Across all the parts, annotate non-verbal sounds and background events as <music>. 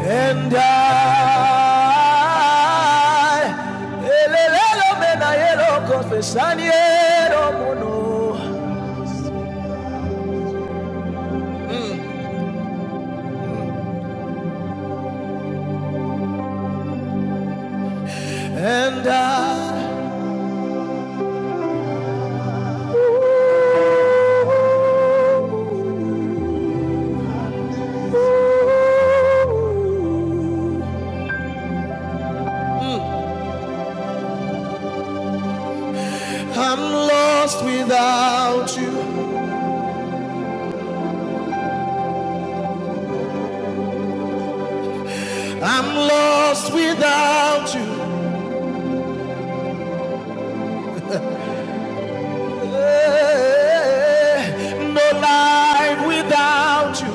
And I, elelelo menayelo confesaniero mono. And I, I'm lost without you. I'm lost without you. Eh, No life without you.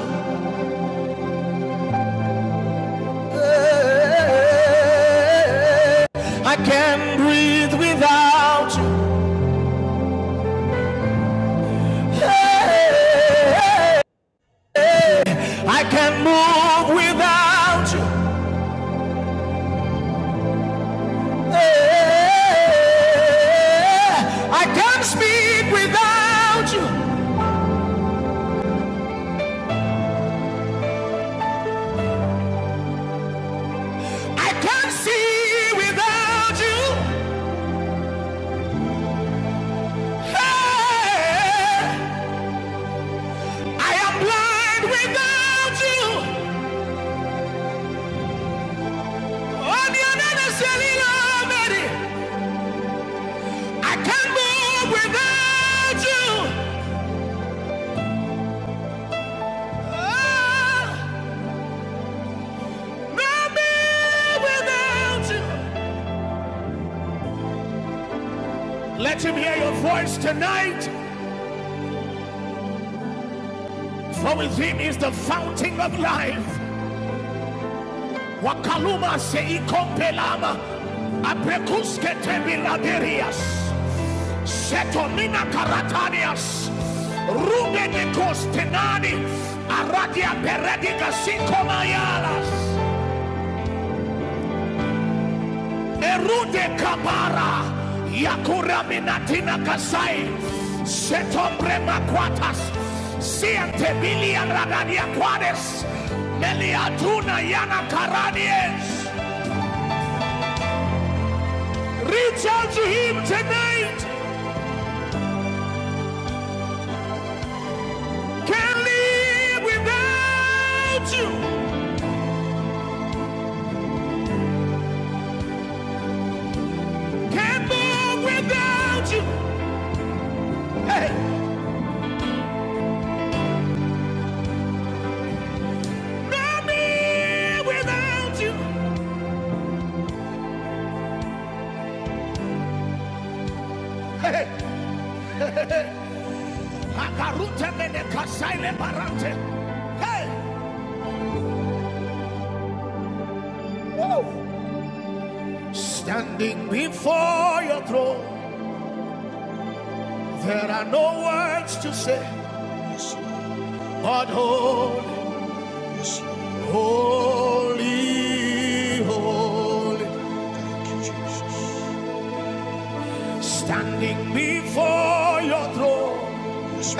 Eh, I can't breathe without you. Eh, Okay. I can't move without you. Eh, I can't speak without you. I can't see without you. Eh, I am blind without you. Oh, the other silly I can't move without you. Oh, no me without you. Let him hear your voice tonight. For within is the fountain of life. Wakaluma seikompelama. Aprekuske tebilaberias. Setomina karatanias. Rubene kostenani. Aradia perediga sikomayalas. Erude kabara. Yakura minatina kasai. Setombre makwatas. Siantebilia radadia quades. Meliatuna yana karadies. Reach out to him tonight. Can't live without you. Can't move without you. Hey, no me without you. Hey, Hey, whoa. Standing before your throne, there are no words to say, but holy, holy, holy. Standing before your throne,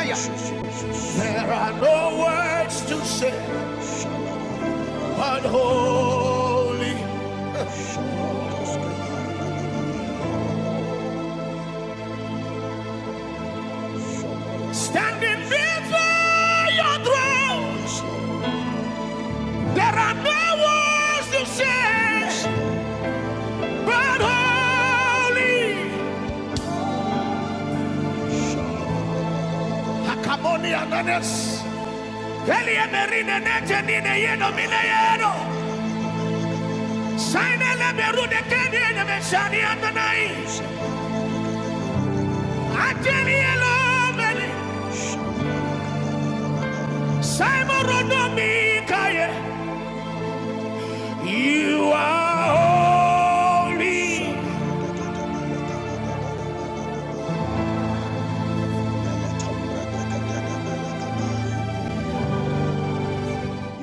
there are no words to say but holy. Standing before your throne, there are no words to say but holy. Hakamoni ananes, elie merine nete nine yeno mine yeno. Saine le beru de kende ne meshani ananai. Simon Rodomikaye, you are holy.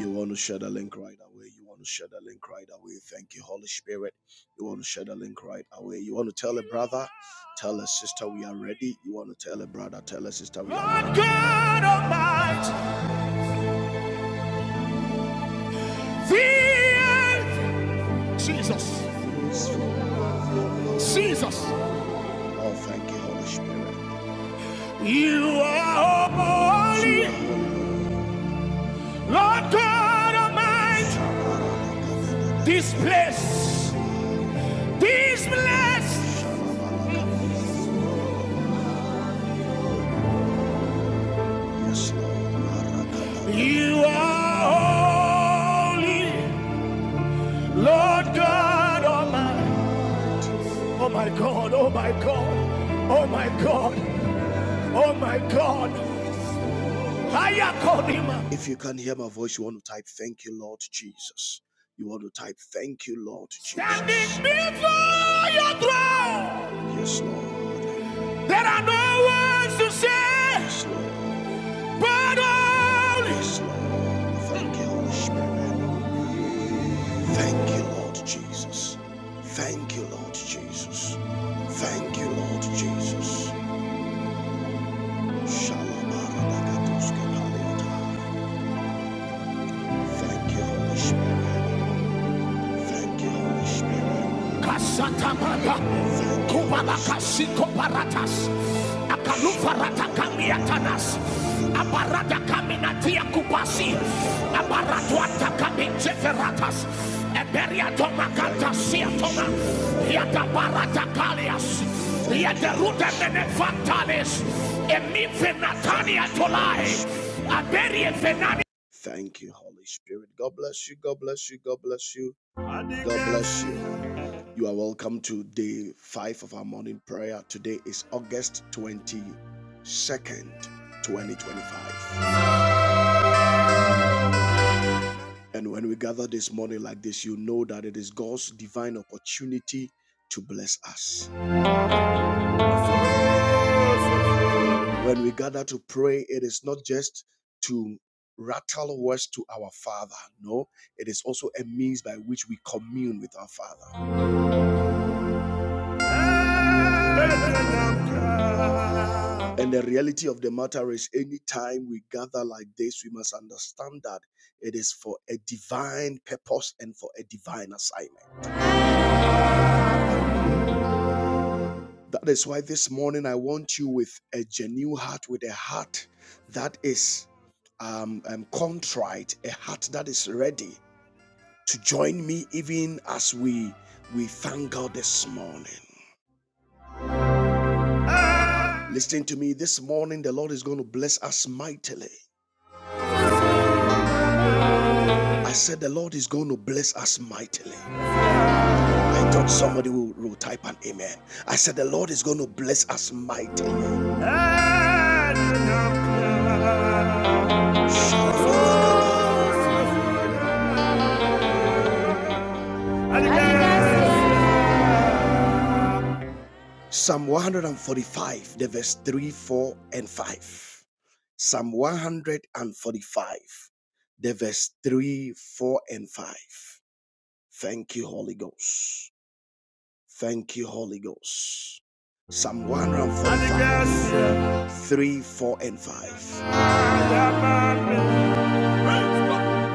You want to share the link right away. You want to share the link right away. Thank you, Holy Spirit. You want to share the link right away. You want to tell a brother, tell a sister we are ready. You want to tell a brother, tell a sister we are ready. God Almighty, the earth. Jesus. Jesus. Oh, thank you, Holy Spirit. You are holy, Lord God Almighty. This place, this place, you are holy, Lord God Almighty. Oh my God, oh my God, oh my God, oh my God. If you can hear my voice, you want to type, Thank you, Lord Jesus. You want to type, Thank you, Lord Jesus. Standing before your throne, Yes, Lord. there are no words to say Yes, Lord. but only. Yes, Lord. Thank you, Holy Spirit. Thank you, Lord Jesus. Thank you, Lord Jesus. Thank you, Lord Jesus. Shalabarabakatoskepaliata. Thank you, Holy Spirit. Thank you, Holy Spirit. Kasatapapa, Thank you, Holy Spirit. Kubalakasiko paratas, Akalufarata kamiatanas, Abarada kaminatia kupasi, Abaratuata kaminjeferatas, Eberiatoma kantasiatoma, Yatabarata kalias, Yaterute menefantales, Emifenatania tolai, Aberie fenani. Thank you, Holy Spirit. God bless you. God bless you. God bless you. God bless you. You are welcome to day five of our morning prayer. Today is August 22nd, 2025. And when we gather this morning like this, you know that it is God's divine opportunity to bless us. When we gather to pray, it is not just to rattle words to our Father, no, it is also a means by which we commune with our Father. And the reality of the matter is, anytime we gather like this, we must understand that it is for a divine purpose and for a divine assignment. That is why this morning I want you with a genuine heart, with a heart that is um, um, contrite, a heart that is ready to join me even as we we thank God this morning. Listen to me this morning, the Lord is going to bless us mightily. I said the Lord is going to bless us mightily. I thought somebody will, will type an amen. I said the Lord is going to bless us mightily. Psalm 145, the verse 3, 4, and 5. Psalm 145, the verse 3, 4, and 5. Thank you, Holy Ghost. Thank you, Holy Ghost. Psalm 145, 3, 4, and 5.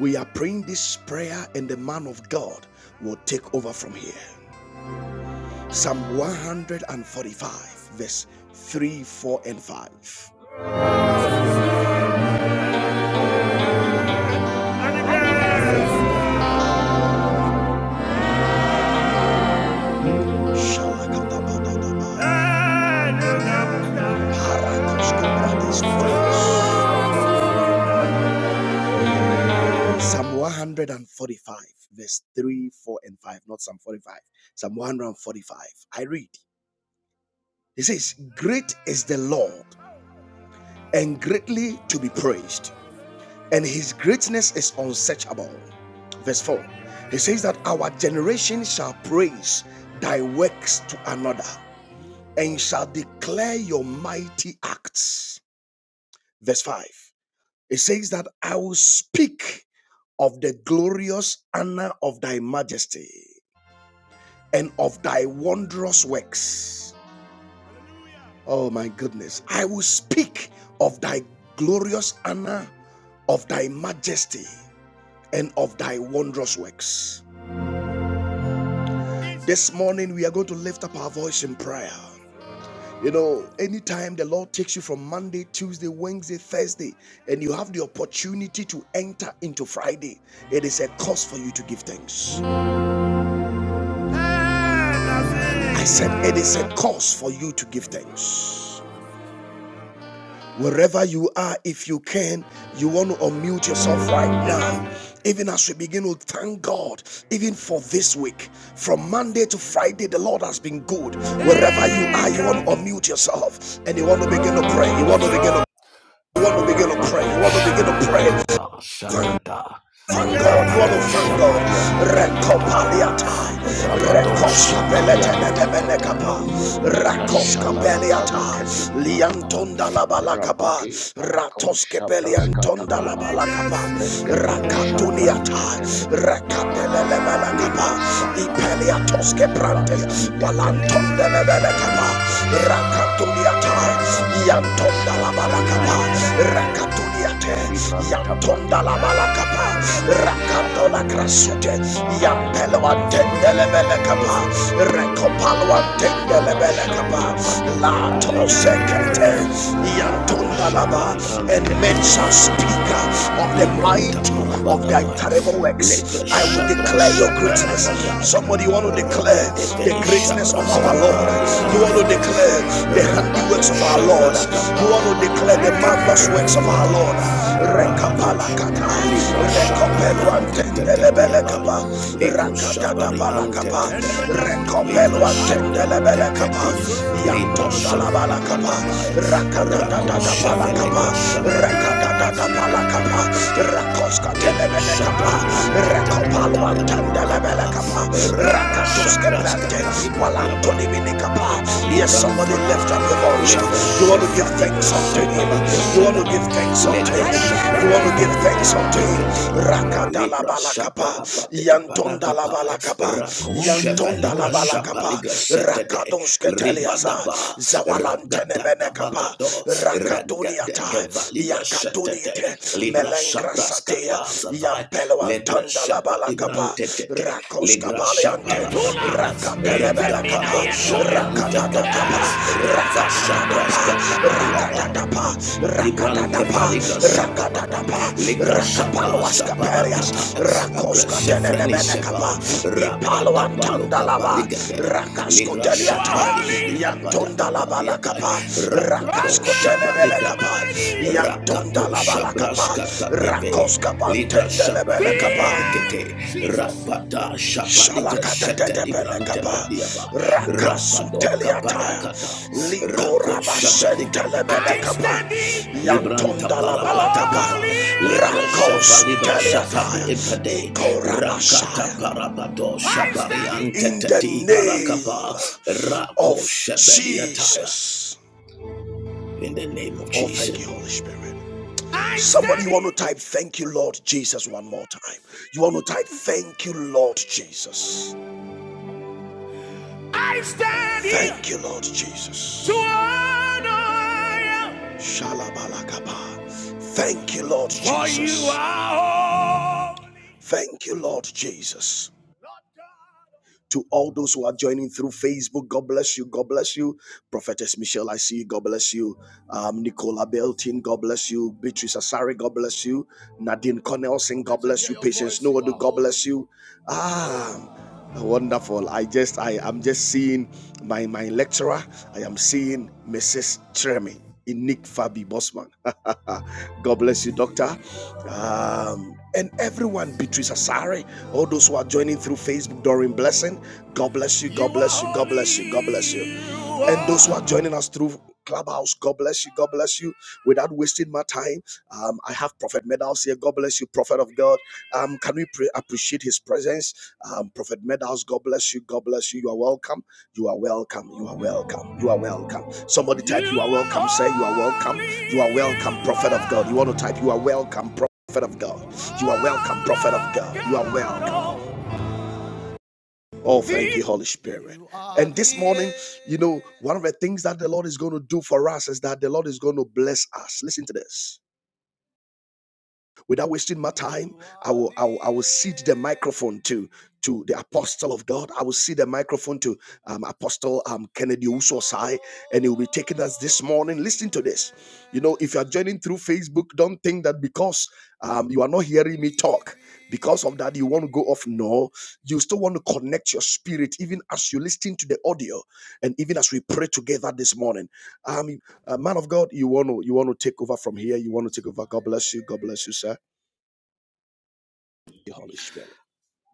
We are praying this prayer, and the man of God will take over from here. Psalm 145, verse 3, 4, and 5. Shalakadabadadaba. Psalm 145, verse 3, 4, and 5. Not Psalm 45. Psalm 145. I read. It says, Great is the Lord and greatly to be praised, and his greatness is unsearchable. Verse 4. He says that our generation shall praise thy works to another and shall declare your mighty acts. Verse 5. It says that I will speak of the glorious honor of thy majesty. and of thy wondrous works. Oh my goodness. I will speak of thy glorious honor, of thy majesty, and of thy wondrous works. This morning, we are going to lift up our voice in prayer. You know, anytime the Lord takes you from Monday, Tuesday, Wednesday, Thursday, and you have the opportunity to enter into Friday, it is a cause for you to give thanks. I said, it is a cause for you to give thanks. Wherever you are, if you can, you want to unmute yourself right now. Even as we begin to thank God, even for this week, from Monday to Friday, the Lord has been good. Wherever you are, you want to unmute yourself and you want to begin to pray. You want to begin to, you want to begin to pray. Rabado You want to begin to pray. shabarakata Thank shatata. Thank God, you want to Rabado thank God. shabarian tetete. Rekopaliata, Rabado Rekoska shabarian tetete. Beletenenemenekapa, Ligra Rakoska shabaruan Beliata, teti parama. Liantonda Labalakapa, Rabadi parako Ratoske shabras Beliantonda katakapa. Labalakapa, Regado shabran Rakatuniata, tetete. Ligra Rakatelemelakapa, Peliatos shabarabado Keprantes, shabarian Walanton de tetetiba. Lebelecapa, Rako shaba. Rakatuliata, Rado Yanton de sabreska la pari Balacapa, antete. Rakatuliate, Libranta Yanton padi de la ataya. Balacapa, Rago shaba Rakatola ligre Crasute, shepedi apaya. Yampeluanten de Lebelecapa, Recopaluanten de Libra Lebelecapa, shabarabadi La belecapa, la gebari antetete. Tosecate, Rago Yanton de la Ba, shabari and men antetete. shall speak of the Libranta mighty of thy parabadabaya. terrible Legre works. I will shabra declare your greatness. shabarabadai. Somebody, you want to declare the Rebedeve greatness of our Lord. shabraskapali You want to branteket. declare the handiworks Rabado of our Lord. You want shabraskapaya to bari declare the ante de marvelous de di works of our biatai. Lord. Rabadosh Rekapalakata, libra shapariante te te diabai. rekopeluantendelebelekapa, Ligro shapariante te rakatatabalakapa, te. Ligra shebrente kedi. rekopeluantendelebelekapa, Libra Ratonda la balakapa, shaparapatapaya. rakada da da Rako da balakapa, shevelegra rakada shapadiata. da da balakapa, Kaparapate rakoska Libra telemene kapa, Shapari Antetatia rakopalwan Taya tandelebele Barukapa kapa, Reva rakatuske brante, Shabraskata Libra walanto Diaba dimini kapa. Yes, somebody Libranta lift up pai, your voice. legra You want to give shefa thanks libra unto sapa him. ligra You want shada, to give thanks unto legra him. You want shabada to give thanks badike unto him. pedikete. Rakada la Libra balakapa shapa balakapa rabate yantonda imparaka la pai, balakapa rako shefa yantonda la ligra shapa balakapa ligra setete, rakados keteliasa ribadaba, zawalantene ragadaga menekapa bagado, ragadaga rakaduniata valigra setete, yakadunite libra melengra shapras satea kapazavai, yampelo legra antanda la shepa balakapa librante tete, rakos legra kabaleante shapa rakadele regavado belakapa shabrante kete rakadadadaba reva rakadadadaba shabraska tabaruapa rakadadapa Librante rakadadapa valigra shaparaba, rakadadapa ligra shapa rakapaloas shaparatata, kaperias rakoska agreshe freni sheba, tenenemenekapa rabadapa loka ipaloantandalaba paligade, rakasko ligra shapa teliata dibidi apadaka padiata, yantondalabalakapa rapado rakasko telebelekapa shabaligabai, rakato yantondalabalakapa shabraskata deve, rakoska ligra shabaliga pantendelebelekapa pedicete, Jesus. rapata shabaligra shete librante Shalakadadebelekapa pediaba, rapado Rakasuteliata kaparakata, rako shabaliga dicete, Likorabashentelebelekapa Libranta Yantondalabalakapa parapatakava, lekresheva libra shapadi Rakosuteliata epede, rakata Ikorabashaya parapato shabariante In the teti parakapa, name rako of shebediataya. Jesus In the name of Oh Jesus. thank you Holy Spirit Somebody you want to type thank you Lord Jesus one more time You want to type thank you Lord Jesus I stand here Thank you, Lord Jesus. to honor you, Shalabalakaba. Thank you, Lord Jesus. for you Jesus. are holy. Thank you, Lord Jesus. To all those who are joining through Facebook, God bless you. God bless you. Prophetess Michelle, I see you. God bless you. Um, Nicola Beltin, God bless you. Beatrice Asari, God bless you. Nadine Cornelson, God bless you. Patience Noadu, God bless you. Ah, wonderful. I just, I am just seeing my, my lecturer. I am seeing Mrs. Tremi. Nick Fabi Bosman. <laughs> God bless you, Doctor. Um, and everyone, Beatrice Asare, all those who are joining through Facebook, Doreen Blessing. God bless you, God bless you, God bless you, God bless you. And those who are joining us through Clubhouse, God bless you, God bless you. Without wasting my time, um, I have Prophet Medals here. God bless you, Prophet of God. Um, can we pre- appreciate his presence? Um, Prophet Medals, God bless you, God bless you. You are welcome. You are welcome. You are welcome. You are welcome. Somebody type, You are welcome. Say, You are welcome. You are welcome, prophet of God. You want to type, You are welcome, prophet of God. You are welcome, prophet of God. You are welcome. Oh, thank you, Holy Spirit. And this morning, you know, one of the things that the Lord is going to do for us is that the Lord is going to bless us. Listen to this. Without wasting my time, I will I will, I will cede the microphone to to the apostle of God. I will cede the microphone to um, Apostle um, Kennedy Usosai, and he will be taking us this morning. Listen to this. You know, if you are joining through Facebook, don't think that because um, you are not hearing me talk, because of that you want to go off. No, you still want to connect your spirit even as you listen to the audio, and even as we pray together this morning. Um, uh, man of God, you want to you want to take over from here. You want to take over. God bless you. God bless you, sir. Your Holy Spirit.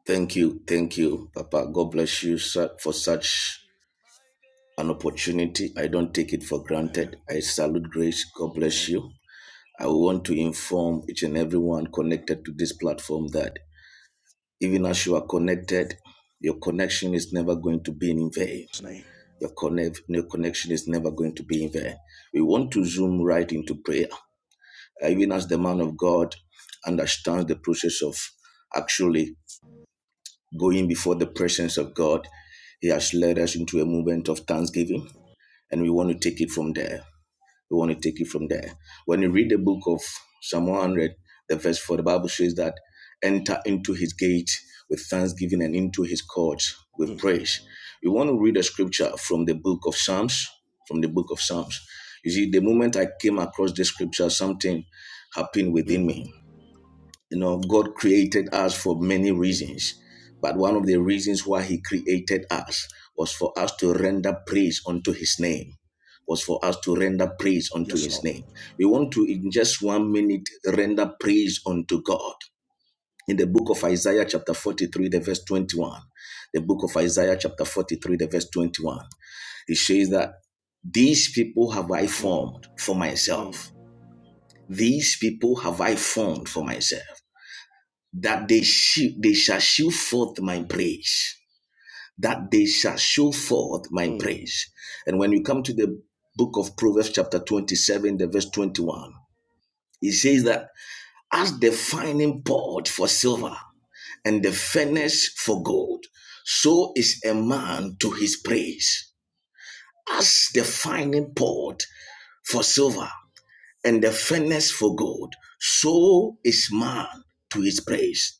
Thank you, thank you, Papa. God bless you for such an opportunity. I don't take it for granted. Man, I salute grace. God bless man. you. I want to inform each and everyone connected to this platform that Even as you are connected, your connection is never going to be in vain. His name. Your, connect, your connection is never going to be in vain. We want to zoom right into prayer, Uh, even as the man of God understands the process of actually going before the presence of God. He has led us into a movement of thanksgiving, and we want to take it from there. We want to take it from there. When you read the book of Psalm 100, the verse 4, the Bible says that enter into his gate with thanksgiving and into his courts with Mm, praise. You want to read a scripture from the book of Psalms, from the book of Psalms. You see, the moment I came across this scripture, something happened within mm, me. You know, God created us for many mm. reasons, but one of the reasons why He created us was for us to render praise unto His name. Was for us to render praise unto Yes, His Lord. name. We want to, in just one minute, render praise unto God. In the book of Isaiah, chapter 43, the verse 21, the book of Isaiah, chapter 43, the verse 21, it says that these people have I Mm, formed for mm. myself. These people have I formed for So, myself that they, sh- they shall show forth my praise. That they shall show forth my mm, praise. And when you come to the book of Proverbs, chapter 27, the verse 21, it says that as the fining pot for mm. silver and the furnace for gold, so is a man to his praise. As the fining pot for silver and the furnace for gold, so is man to his praise.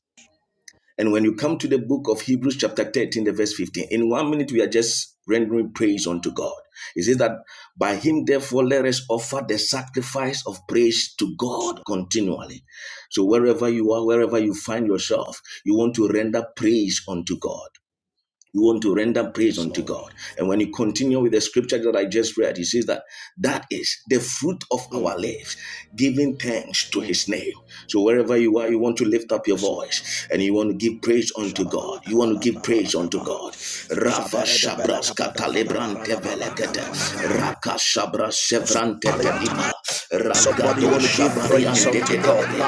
And when you come to the book of Hebrews, chapter 13, the verse 15, in one minute we are just rendering praise unto God. It says that by him, therefore, let us offer the sacrifice of praise to Yes, God Lord. continually. So wherever you are, wherever you find yourself, you want to render praise unto God. You want to render praise Yes, unto Lord. God. And when you continue with the scripture that I just read, he says that that is the fruit of Mm, our lives, giving thanks to mm. his name. So wherever you are, you want to lift up your Yes, Lord. voice and you want to give praise unto God. Shalabala You want kabada to give da praise unto God. Rava Shabras Katalebrante Velekete, Shaberedebelekabadadadabaradabalakabadadaba. Raka Shabras Sevrante Tetiba, Hallelujah. Somebody Ragado want to give praise Shabariante unto God. Dedebe,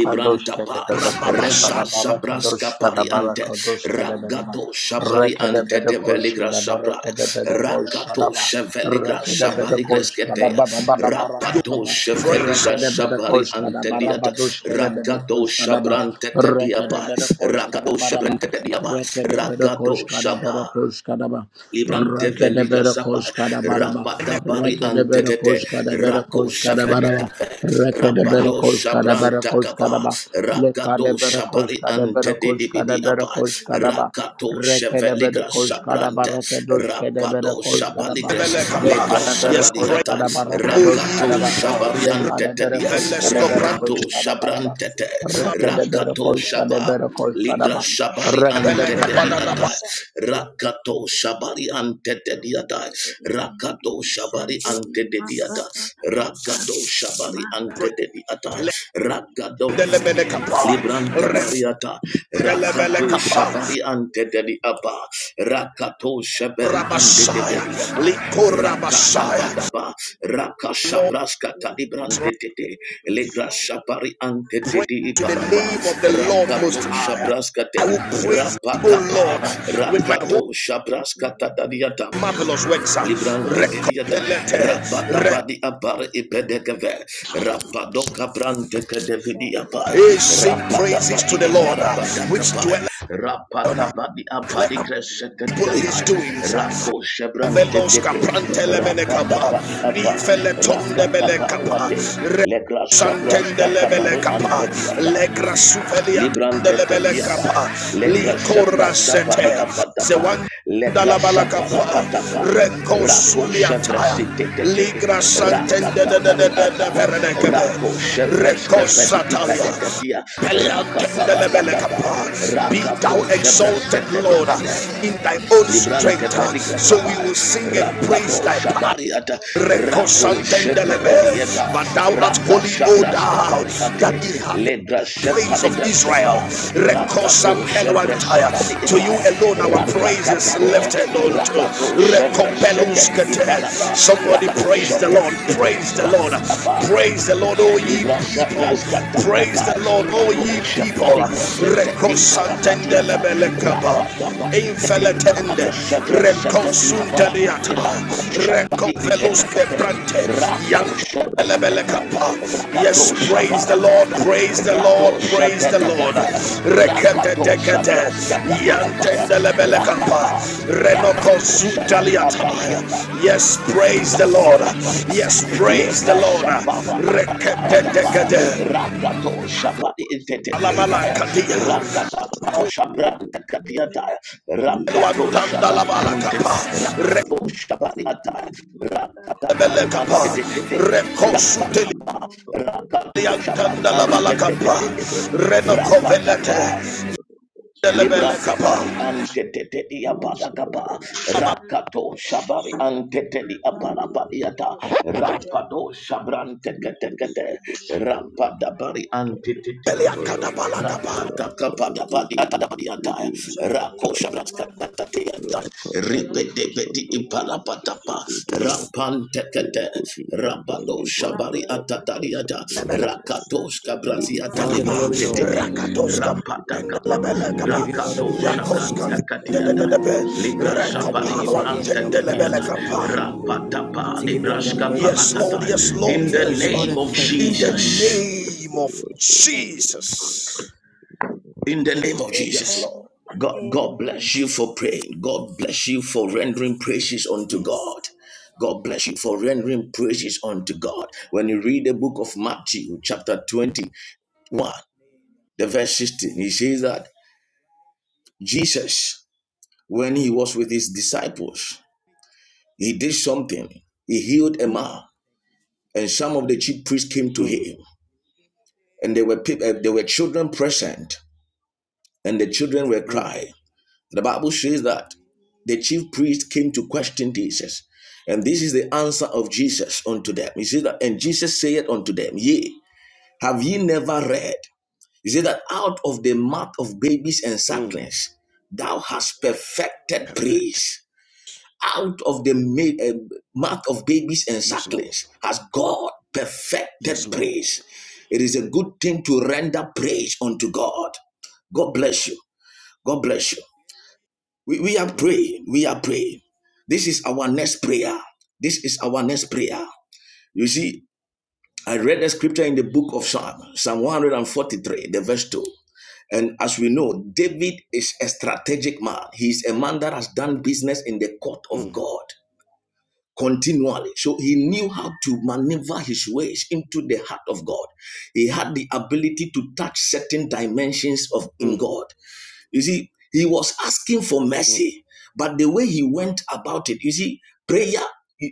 Kadosh kene bede koş Marakrababasha. Reva sana bara Shabraska kadosh kana bara Pariante, kadosh kene bede ma Ragato rekene Shabariante bede de koş Veligra kana bara Shabra, kene bede koş da Rakato ma Sheveligra rekene bede koş da Shabaligresketea, bara bara bara kana Rapato ma Praise. Sheveligra rekene bede koş da Shabariante bara Diata, badoş kene bede Ragato koş kana ma Shabrante rekene Tediaba, bede koş Ragato kana bara ma sabrante te diapa rekene bede Ragato koş da Shaba. bara koş kana ma Libran develi Rekedebere grasapa koşkana baraba. rabada bari Rekedebere antete koşkana bere rako koşkana baraba. shavetave Rekedebere rabado koşkana shabran bere takava koşkana ba. ragado Lekadebere shabari koşkana bere antete dibidi koşkana bere apa koşkana ba. rakato sheveli Rekedebere koşkana ba. grasabrante Rekedoşkedebere rabado koşkana shabali ba. gres le Lekadebere Yes, grasabadi praise, ata koşkana ba. O ye Rekedoşkana rakato ba. people. shabari antete Lekadebere dia koşkana bere rakato koşkana baraba. shabrante Revelesco Rekedebere rakato koşkana shaba bere koşkana Ligra ba. shabari ante Rekedebere antete koşkana di Rakato Shabari ante dediata. Rakato Shabari ante dediata. Rakato Shabari praise. ante dediata. Rakato Lendelebelekapa, Libranta pariata, rakato Rendelebelekapa, shabari ante deli apa, rakato shabari ante Rabashaya, develi apa, rakata Likorabashaya. Sunday, vadaba, Lord, rakashabraska talibrante Shandy, tete, legra shabari ante praise tedi to the ibarapa, name of the Lord Most rakato High. shabraska I te, will praise you, O rapatapa, Lord, with my whole Rakato Shabraska Tadadiata. marvelous works. Librante de diata, Recopelete, rabada rec- badi apar ipedekeve, rapado cabrante kedevidi apai, eh, sing rapada praises vadi to the Lord, uh, iparabada which capai, dwelleth on. uh, rapata vadi Declare among apaligres people his kediata, doings. rako shebrante Veloska tete, prantelemene rapada kapa, padi ni apa, feletonde rakata mele kapa, paruate, re legra shabras santende lebele katabaru kapa, ante diata legra suvelia tende Librante lebele tetiapai, kapa, li legra shapra shapa di korasete, apatapai, zewanda legra la shapara balakapa, patapai, reko rako suliataya, shevreshi tete, ligra santende de de de rakatapari de de atai, verenekepe, rako reko shevreske pedi satalia, ipedeketia, be rakapara patapa, thou rakato exalted, shevreske Lord, in thy own Librante strength, peligra so we sabai, will sing and praise rampado thy power. shabariata, But rako sheperadiepa, thou art raka holy, O shabraska thou pariate, that inhabit ledra praise of shepaligra Israel. shapa, Rekosa rakato shevre peluantaya. shebari To you itaya, alone our praise rakata is baro, lifted unto rakato shevre shededi Rekopeluskete. ipalapa, Somebody rakato praise the Lord. shevedi kepe, Praise the Lord. rakatapa Praise the Lord, all ye Libra people. sapras kata Praise kata the Lord, all rako ye people. shapari grasete di parapatiata Thank you. Rekosantendelebelekaba. rapa daba te Shandiri balagra Infelatende, sevra sete di apa reconsunteliata, rako shapari recoveluske ibedekate prante, yam rako shapedekate Yes, rakato praise the Lord, shabarakata praise the Lord, rato praise the Lord. shapedekate Rekete rakato dekete, shabras kata di apa ya yantendelebelekapa, rakata renoko rakato shabari ata sutaliataya. di Yes, praise the Lord. Katabayaka, Yes, praise the Legra Lord. Shabara Kataya Rekete Tabaya, dekete, Rakato Shabari Inteteribaya, alabalakatia, Rakata Shabranta Kadiataya, Rakato Shabari Sunday, Ante, kuelwantandalabalakapa, Rakato Shabari Ataya, Rakata Baru rekebelekapa, Ante Tete, rekosuteli. Rapatapa, Rakato Shabari Ante Yantanalabalakapa, Tete, Rapatapa, renokovelete, Delebele Librata pari antetete di Thank Sunday, apadakapa. Rakato shabari antete di aparapadiata. Rapado shabrante kete kete. Rapadabari antetete. Rakata kapada padiata da padiata. Rako shabrata katatiata. Ripede bedi iparapatapa. Rampante kete. Rabado shabari atatariata. Rakatos kabrati the ba, glory, atalibrante Lord. tete. rakatos kapa, Rapadakapa. delebele We kapa, give you all the Rakato yakos praise. kan Shabranta Thank de de Katiata. de de be, Rakado Ligra Shapadi rekopalo Boseke, ante Ibranta your Tatiata. oh Rapatapa Librashka Yes, Lord, Paratata. yes, In the name Lord, of yes, Lord. In the Jesus. name of you, Jesus. Jesus. In the name of Yes, you. Jesus. Lord. Amen. God, God Amen. bless you for praying. God bless you for rendering praises unto God. God bless you for rendering praises unto God. When you read the book of Matthew, chapter 21, the verse 16, he says that Jesus, when he was with his disciples, He did something. He healed a Mm, man, and some of the chief priests came to mm, him, and there were people, uh, there were children present, and the children were mm, crying. The Bible says that the chief priests came to question Jesus, and this is the answer of Jesus unto them. He says that, and Jesus saith unto them, Yea, have ye never read? He said that out of the mouth of babies and mm. sucklings, thou hast perfected Perfect. praise. out of the ma- eh, mouth of babies and Yes, Lord. sucklings has God Yes, perfected Lord. praise. It is a good thing to render praise unto God. God bless you. God bless you. We, we are Mm, praying. We are praying. This is our next prayer. This is our next prayer. You see, I read the scripture in the book of Psalm, Psalm 143, the verse 2. And as we know, David is a strategic man. He is a man that has done business in the court of mm, God continually. So he knew how to maneuver his ways into the heart of God. He had the ability to touch certain dimensions of in mm, God. You see, he was asking for mm, mercy, but the way he went about it, you see, prayer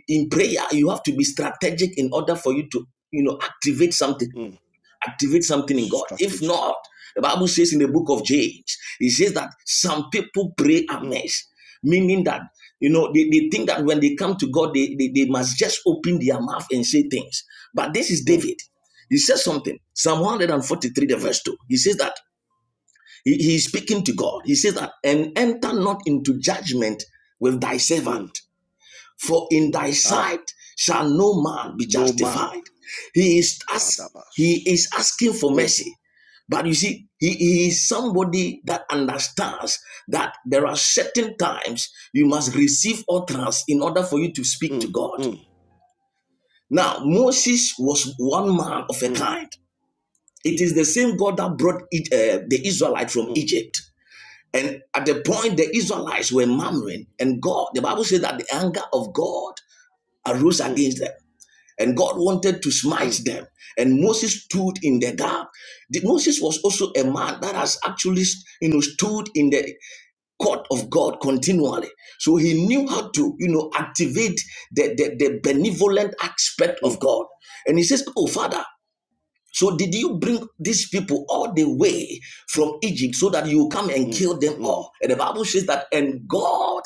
in prayer you have to be strategic in order for you to you know activate something mm. activate something in God. If Strategy. not, the Bible says in the book of James, it says that some people pray Mm, amiss, meaning that you know they, they think that when they come to God, they, they, they must just open their mouth and say things. But this is mm, David. He says something, Psalm 143, the mm, verse 2. He says that he, he is speaking to God. He says that, and enter not into judgment with thy mm. servant. For in thy Ah, sight shall no man be no man. justified. He is ask, he Kadabas. is asking for Mm, mercy. But you see, he, he is somebody that understands that there are certain times you must receive utterance in order for you to speak to mm, God. mm, Now, Moses was one man of a mm, kind. It is the same God that brought E- uh, the Israelites from mm, Egypt. And at the point the Israelites were murmuring, and God, the Bible says that the anger of God arose mm, against them. and God wanted to mm, smite them. And Moses stood in the gap. The- Moses was also a man that has actually, you know, stood in the court of God continually. So he knew how to, you know, activate the, the, the benevolent aspect of mm, God. And he says, Oh, Father, so did you bring these people all the way from Egypt so that you come and mm, kill them mm. all? And the Bible says that, and God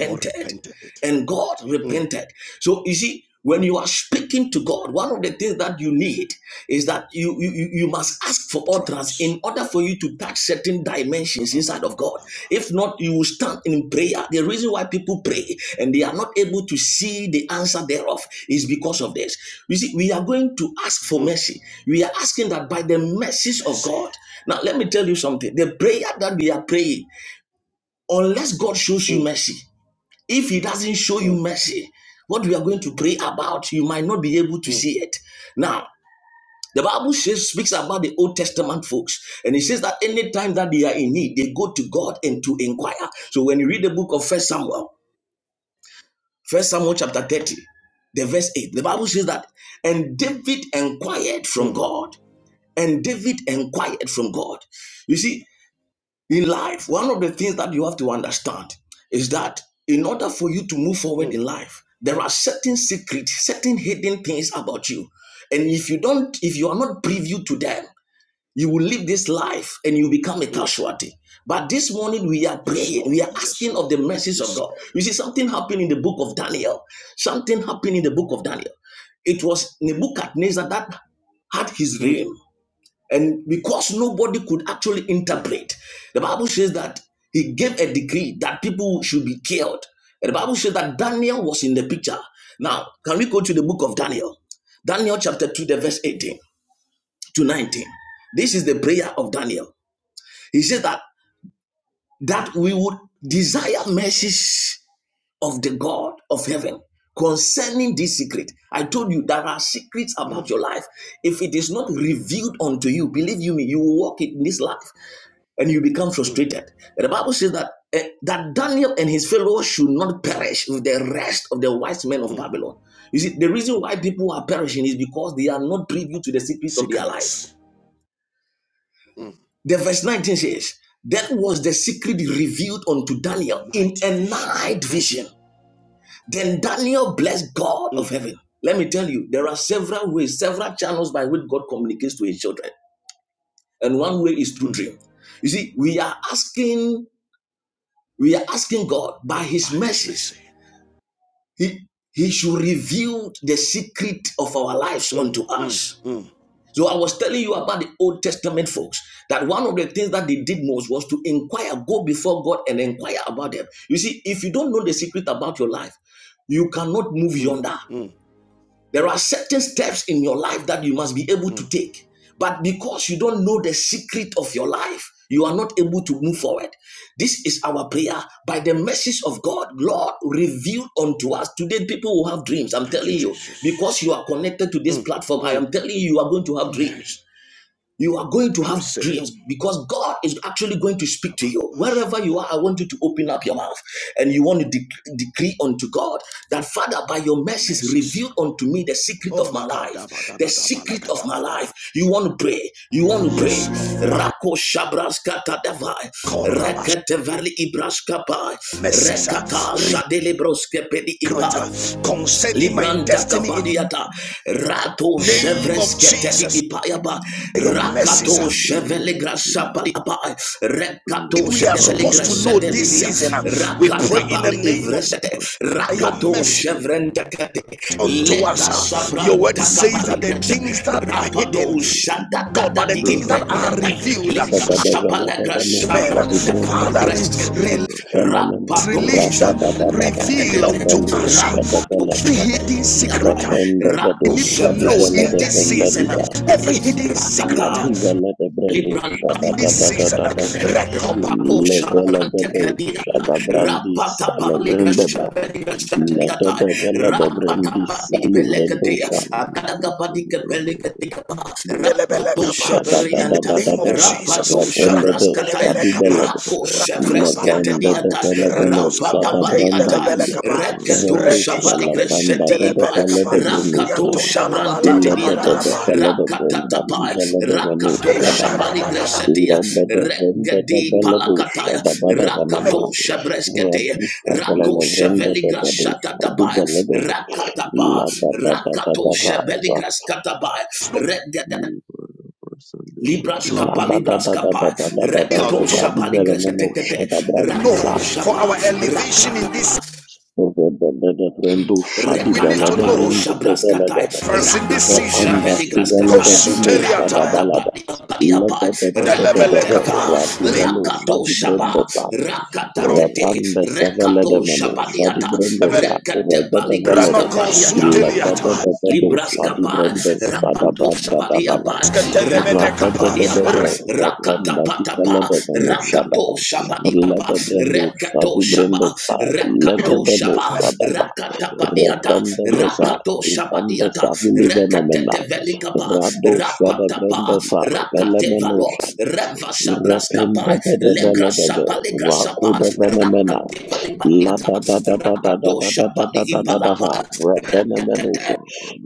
God repented. it. and God Mm. repented. So you see, when you are speaking to God, one of the things that you need is that you, you, you must ask for utterance Trans. in order for you to touch certain dimensions inside of God. Abababadadaba. If not, you will stand in prayer. The reason why people pray and they are not able to see the answer thereof is because of this. You see, we are going to ask for Mm. mercy. We are asking that by the mercies of Mercy. God. Now, let me tell you something. The prayer that we are praying, unless God shows you Mm, mercy, if He doesn't show you mm, mercy, what we are going to pray about, you might not be able to mm, see it. Now, the Bible says, speaks about the Old Testament folks, and it says that anytime that they are in need, they go to God and to inquire. So when you read the book of First Samuel, First Samuel chapter 30, the verse 8, the Bible says that, and David inquired from mm, God. And David inquired from God. You see, in life, one of the things that you have to understand is that in order for you to move forward in mm, life, there are certain secrets, certain hidden things about you. And if you don't, if you are not privy to them, you will live this life and you become a mm. casualty. But this morning we are Yes, praying, Lord. we are Yes, asking of the Lord. mercies of Yes, God. Lord. You see, something happened in the book of Daniel. Something happened in the book of Daniel. It was Nebuchadnezzar that had his Mm, dream and because nobody could actually mm. interpret, the Bible says that he gave a decree that people should be killed. And the Bible says that Daniel was in the picture. Now, can we go to the book of Daniel? Daniel chapter 2, the verse 18 to 19. This is the prayer of Daniel. He said that that we would desire Mercies of God. mercies of the God of heaven concerning this secret. I told you there are secrets about Mm, your life. If it is not revealed unto you, believe you me, you will walk in this life and you become mm, frustrated. And the Bible says that eh, that Daniel and his fellows should not perish with the rest of the wise men of mm. Babylon. You see, the reason why people are perishing is because they are not privy to the secret of their life. Secrets. Mm. The verse 19 says, That was the secret revealed unto In a Daniel in night a vision. night Mm, vision. Then Daniel blessed God of mm, heaven. Let me tell you, there are several ways, several channels by which God communicates to his children. And one way is through mm. dream. You see, we are asking We are asking God by His By his mercy. mercies, He, he should reveal the secret of our lives Mm, unto mm, us. mm. So I was telling you about the Old Testament folks that one of the things that they did most was to inquire, go before God and inquire about them. You see, if you don't know the secret about your life, you cannot move Mm, yonder. mm, There are certain steps in your life that you must be able to mm. take. But because you don't know the secret of your life, you are not able to move forward. This is our prayer. By the message of God, Lord, revealed unto us. Today, people will have dreams. I'm Thank you, telling you. Jesus. Because you are connected to this Mm, platform, I mm. am telling you, you are going to have Amen. dreams. You are going to I have receive it. dreams because God is actually going to speak to you. Kabalaba Wherever you are, I want you to open up your mouth and you want to dec- decree unto God that, Father, by your mercies, message. reveal unto me the secret of Oh, my life. The secret of my life. You want to pray. You want to pray. Yes, Lord. Rako shabraska tadavai. Marakoraba Rekete veli ibraska pai. Rekata shadele pedi ipa. Recruiter. Concerning my Libranta destiny in kapaliata rato the name chevres of ketedi Jesus. ipayaba Your In the message. rakato ah. name chevele of grasa Jesus, paliaba rekato We are chevele supposed to Rakabada grasa know this dedibia season. ah. We pray rakata in the bali name of ivresete your rakato message chevrente kete unto le us. ah. grasa Your word branta says kapali that the He Yes. was things that born are hidden Rapado shada in Sydney, da God, da but the di things that imperia are Australia. revealed uh, liga Sunday, shabala gra Shabadabelebebele, men. Uh, shabanda Father, shadibrendesa, kapira re- skete release, fenemena, rapado release, uh, shabrante radadadadaba, kete reveal unto lebendu, us uh, rapado shadabelebe, every shada di hidden liaba secret. uh, lefrendebedu, We rako need to know shavres in kete di this season uh, shadibelebefendediba, impelete dia every hidden secret. rakata uh, ladivelebebrendu, and in libranta this season, shabadadadadadaba, record rapada levelebedu, shadabrandisa, levrendeba, badi lededeveledebrendisa, Pelecatea, luvrendusha, Adaga Badica Pelecatea, Rapato In the Shaberianta, name rapato Rapaposhabrantecadiata, rapatabaligashebeligashatadiata, rapatabadipeleketea, agadagabadikepeliketiaba, rapatoshaberianta, of shadadadadadadaba, Jesus. reprendede, rapatoshabraskataya, Rakenemenekapa. Shadibelebe, Lavranda Ratalabalakapa. de rakoshevresketeriata, Rakos Felevenusa da kapante rapadabadiata, ndelebele Brandasia, kapa, rekos Redusa la kapente Branda de de reketoshabaligashetiipa, ndelebele Fele kapa, de Brunusa, yantonda la bala Illa kapa de da rakatoshabrantediata, de da de ba, Fele de Brenda, rakatatapa, Vizela de Venusa da Ba, rakada da da rakatoshabaligasheti, Illa de de Vrenda de Regedi Veledusa palakataya, da Ba da Venama, rakato shabreskete, Radista Fele rako de Vrenda de sheveligra Vedusa, shakataba, Dubele de Ve, rakataba, Sunday, La da da da da rakato da Rava, sheveligra skataba, No, regede. Libras heal us, La kapa, da da libras da da kapa, da da da da da da da rakato to know Vadi shaba, ligres kete Velemenusa da Brandisa, rakato for shaba, our elevation rakata in this, Reverendo Shadi we need Rekata to Belada, paro know. Reverendo shabraskatai. Develada, For us in this the Rakato season, Panda uh, Sivela, the sheveligraskatai. Bendo Shada kosuteliata, Rabada Balada, badi abadi let abai. ndelebele the kapa, Rekateva. Radi ligro- Bello Rakato Shadi shaba. Brendesa, Rakata tete. Repanda Savela de Rekato Meno, Shadi shabadiata. Brendesa, Rekate Reda de Velada, Ranoco baligraskapadiata. let the Shadi Libraskapa, Brendesa da Rapato Banda Shabadiapa, Make Rakatapadiapa, the Radadadadaha, Rakanda Rakatapatapa, Dikaladabano Rakato Shadaba, Shabadiapa, Ladabrando Rekato Shadi Brenda Shaba, Sai, Rekato Ladabrando Shaba, Shadaba, Rakatapadiata, Retenda Desa, Rakato Ribanda Shabadiata, Savili Venemena, Rekatete Sunday, Velikapa, Rado Shada Rapatapa, Brenda Sai, Rakabara Rakatevalo, Velemenosha, Reva Rependa Shabraskapa, de Legra Veladabe, Shapa, Legra Shapa, Rakuda Venemena, Rakatevalibadia, Rakato Shabadi Ladadadadadadadadadadadadadadava, Ipalapa, Rekate. Refenemenosha,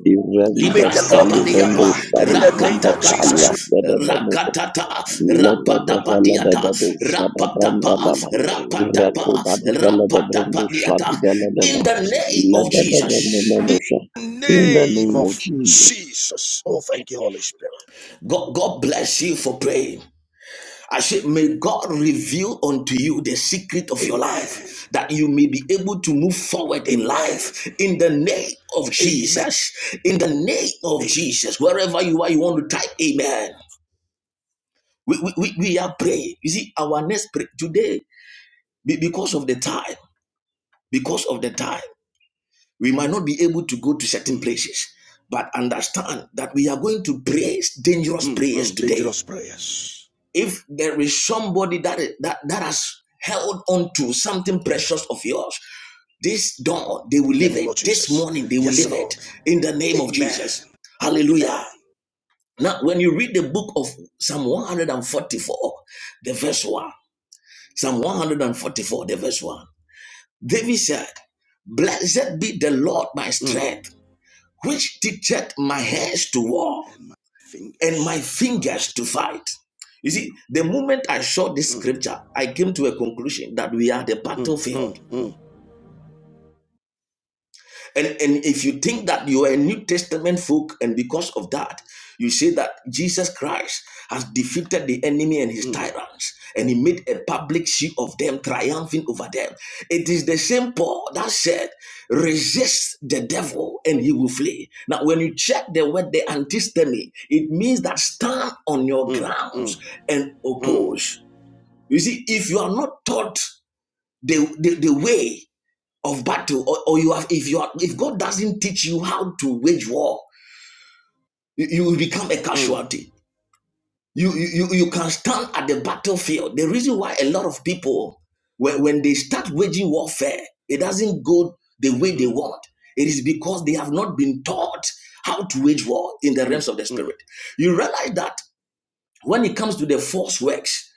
Irenda Libraska Lord reveal Salivrendo paliapa in Shadi the name Brenda rakata of kata Jesus. Talia, Fedemenosha, rakata ta Lede de rapata vele de patiata bedo shada rapata branda pa daba. rapata Ireko pa da di vele de rapata brendo shadi patiata vele de in va. the name of Lede de vele Jesus. meno In sha. the In the name name of of Jesus. Jesus. Oh, thank you, Holy Spirit. God, God bless you for praying. I said, may God reveal unto you the secret of your Amen. life that you may be able to move forward in Amen. life in the name of Amen. Jesus. In the name of Amen. Jesus, wherever you are, you want to type amen. We, we, we we are praying. You see, our next pray today, because of the time, because of the time, we might not be able to go to certain Mm, places, but understand that we are going to pray dangerous mm, prayers mm. today. Dangerous prayers. If there is somebody that that, that has held on to something precious of yours, this dawn they will In the leave name it of this Jesus. morning they will Yes, leave it Lord. in the name of Amen. jesus Amen. hallelujah now when you read the book of psalm 144 the verse 1 Psalm 144, the verse 1. David said, Blessed be the Lord my Mm. strength, which teacheth my To all hands to war and my and my fingers to fight. fingers to fight. You see, the moment I saw this Mm, scripture, I came to a conclusion that we are the mm, mm, battlefield. mm, And, and if you think that you are a New Testament folk, and because of that, you say that Jesus Christ has defeated the enemy and his mm, tyrants, and he made a public show of them, triumphing over them. It is the same Paul that said, resist the devil and he will flee. Now, when you check the word, the antistemy, it means that stand on your mm, grounds mm, and mm, mm, oppose. You see, if you are not taught the, the, the way, of battle or, or you have if you are if god doesn't teach you how to wage war you, you will become a mm, casualty you, you you you can stand at the battlefield the reason why a lot of people when, when they start waging warfare it doesn't go the way they mm, want it is because they have not been taught how to wage war in the realms of the mm, mm, spirit you realize that when it comes to the force works,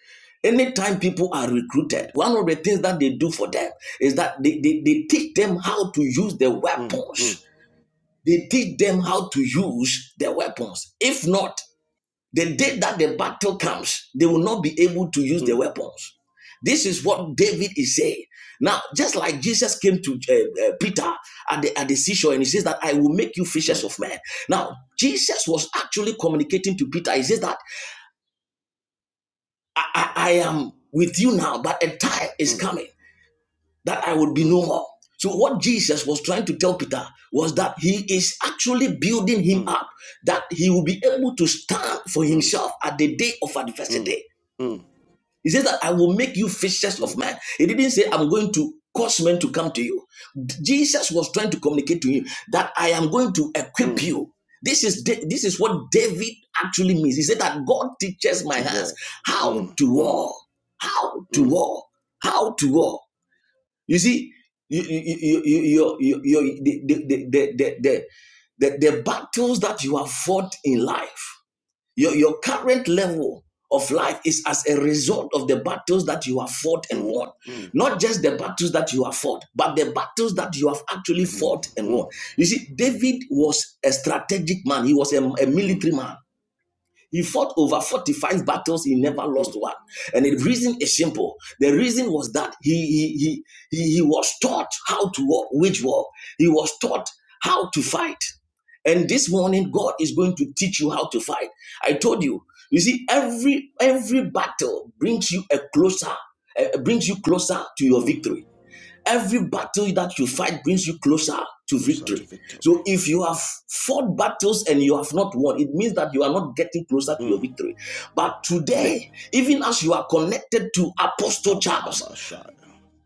anytime people are recruited, one of the things that they do for them is that they, they, they teach them how to use the mm, weapons. They teach them how to use the weapons. If not, the day that the battle comes, they will not be able to use the mm, weapons. This is what David is saying. Now, just like Jesus came to uh, uh, Peter at the, at the seashore and he says that I will make you fishers mm, of men. Now, Jesus was actually communicating to Peter. He says that I, I am with you now, but a time is mm, coming that I would be mm, no more. So, what Jesus was trying to tell Peter was that he is actually building him mm, up, that he will be able to stand for mm, himself at the day of mm, adversity. mm, He says that I will make you fishers of mm, men. He didn't say I'm going to cause men to come to you. Jesus was trying to communicate to him that I am going to equip mm, you. This is Da- this is what David actually means. He said that God teaches my to hands walk how mm, to mm, war, how to mm, war, how to war. You see, you, you, you, you, you, you, the, the, the, the, the, the the battles that you have fought in life your, your current level of life is as a result of the battles that you have fought and mm, won. mm, Not just the battles that you have fought, but the battles that you have actually and walk fought and won. mm, You see, David was a strategic man, he was a, a mm, military man. He fought over 45 battles, he never lost mm, one. And the reason is simple. The reason was that he he he he, was taught how to war, wage war. He was taught how to fight. And this morning, God is going to teach you how to fight. I told you, you see, every every battle brings you a closer, uh, brings you closer to your mm, victory. Every battle that you fight brings you closer to closer to victory. victory So if you have fought battles and you have not won, it means that you are not getting closer to your mm. victory. But today. today, even as you are connected to Apostle Charles, Kabababa Shire.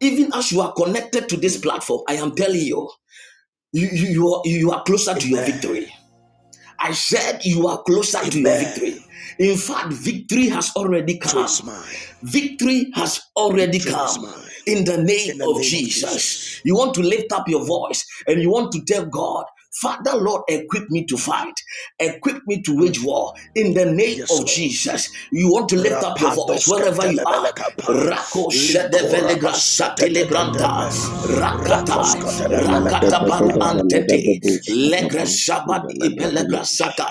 even as you are connected to this Mm. platform, I am telling you, you, you, you, are, you are closer to your victory. Amen. I said you are closer to your Amen. victory. In fact, victory has already Victory come. is mine. Victory has already Victory is come mine. in the name In the of name of Jesus. Jesus. You want to lift up your voice and you want to tell God, Father, Lord, equip me to Kalab. fight, equip me to wage Mm. war in the name Yes, of Lord. Jesus. You want to lift up your voice Rapadoska wherever you are. telebelekapa, Rako likora shedevelegra satelebranta, masetetetebe, rakatai, rakoska Lede rakata de telebelekapa da baru de da da. vele de antete, bedo shada Legre branda Shabadi vele de vele. Ibelegrasata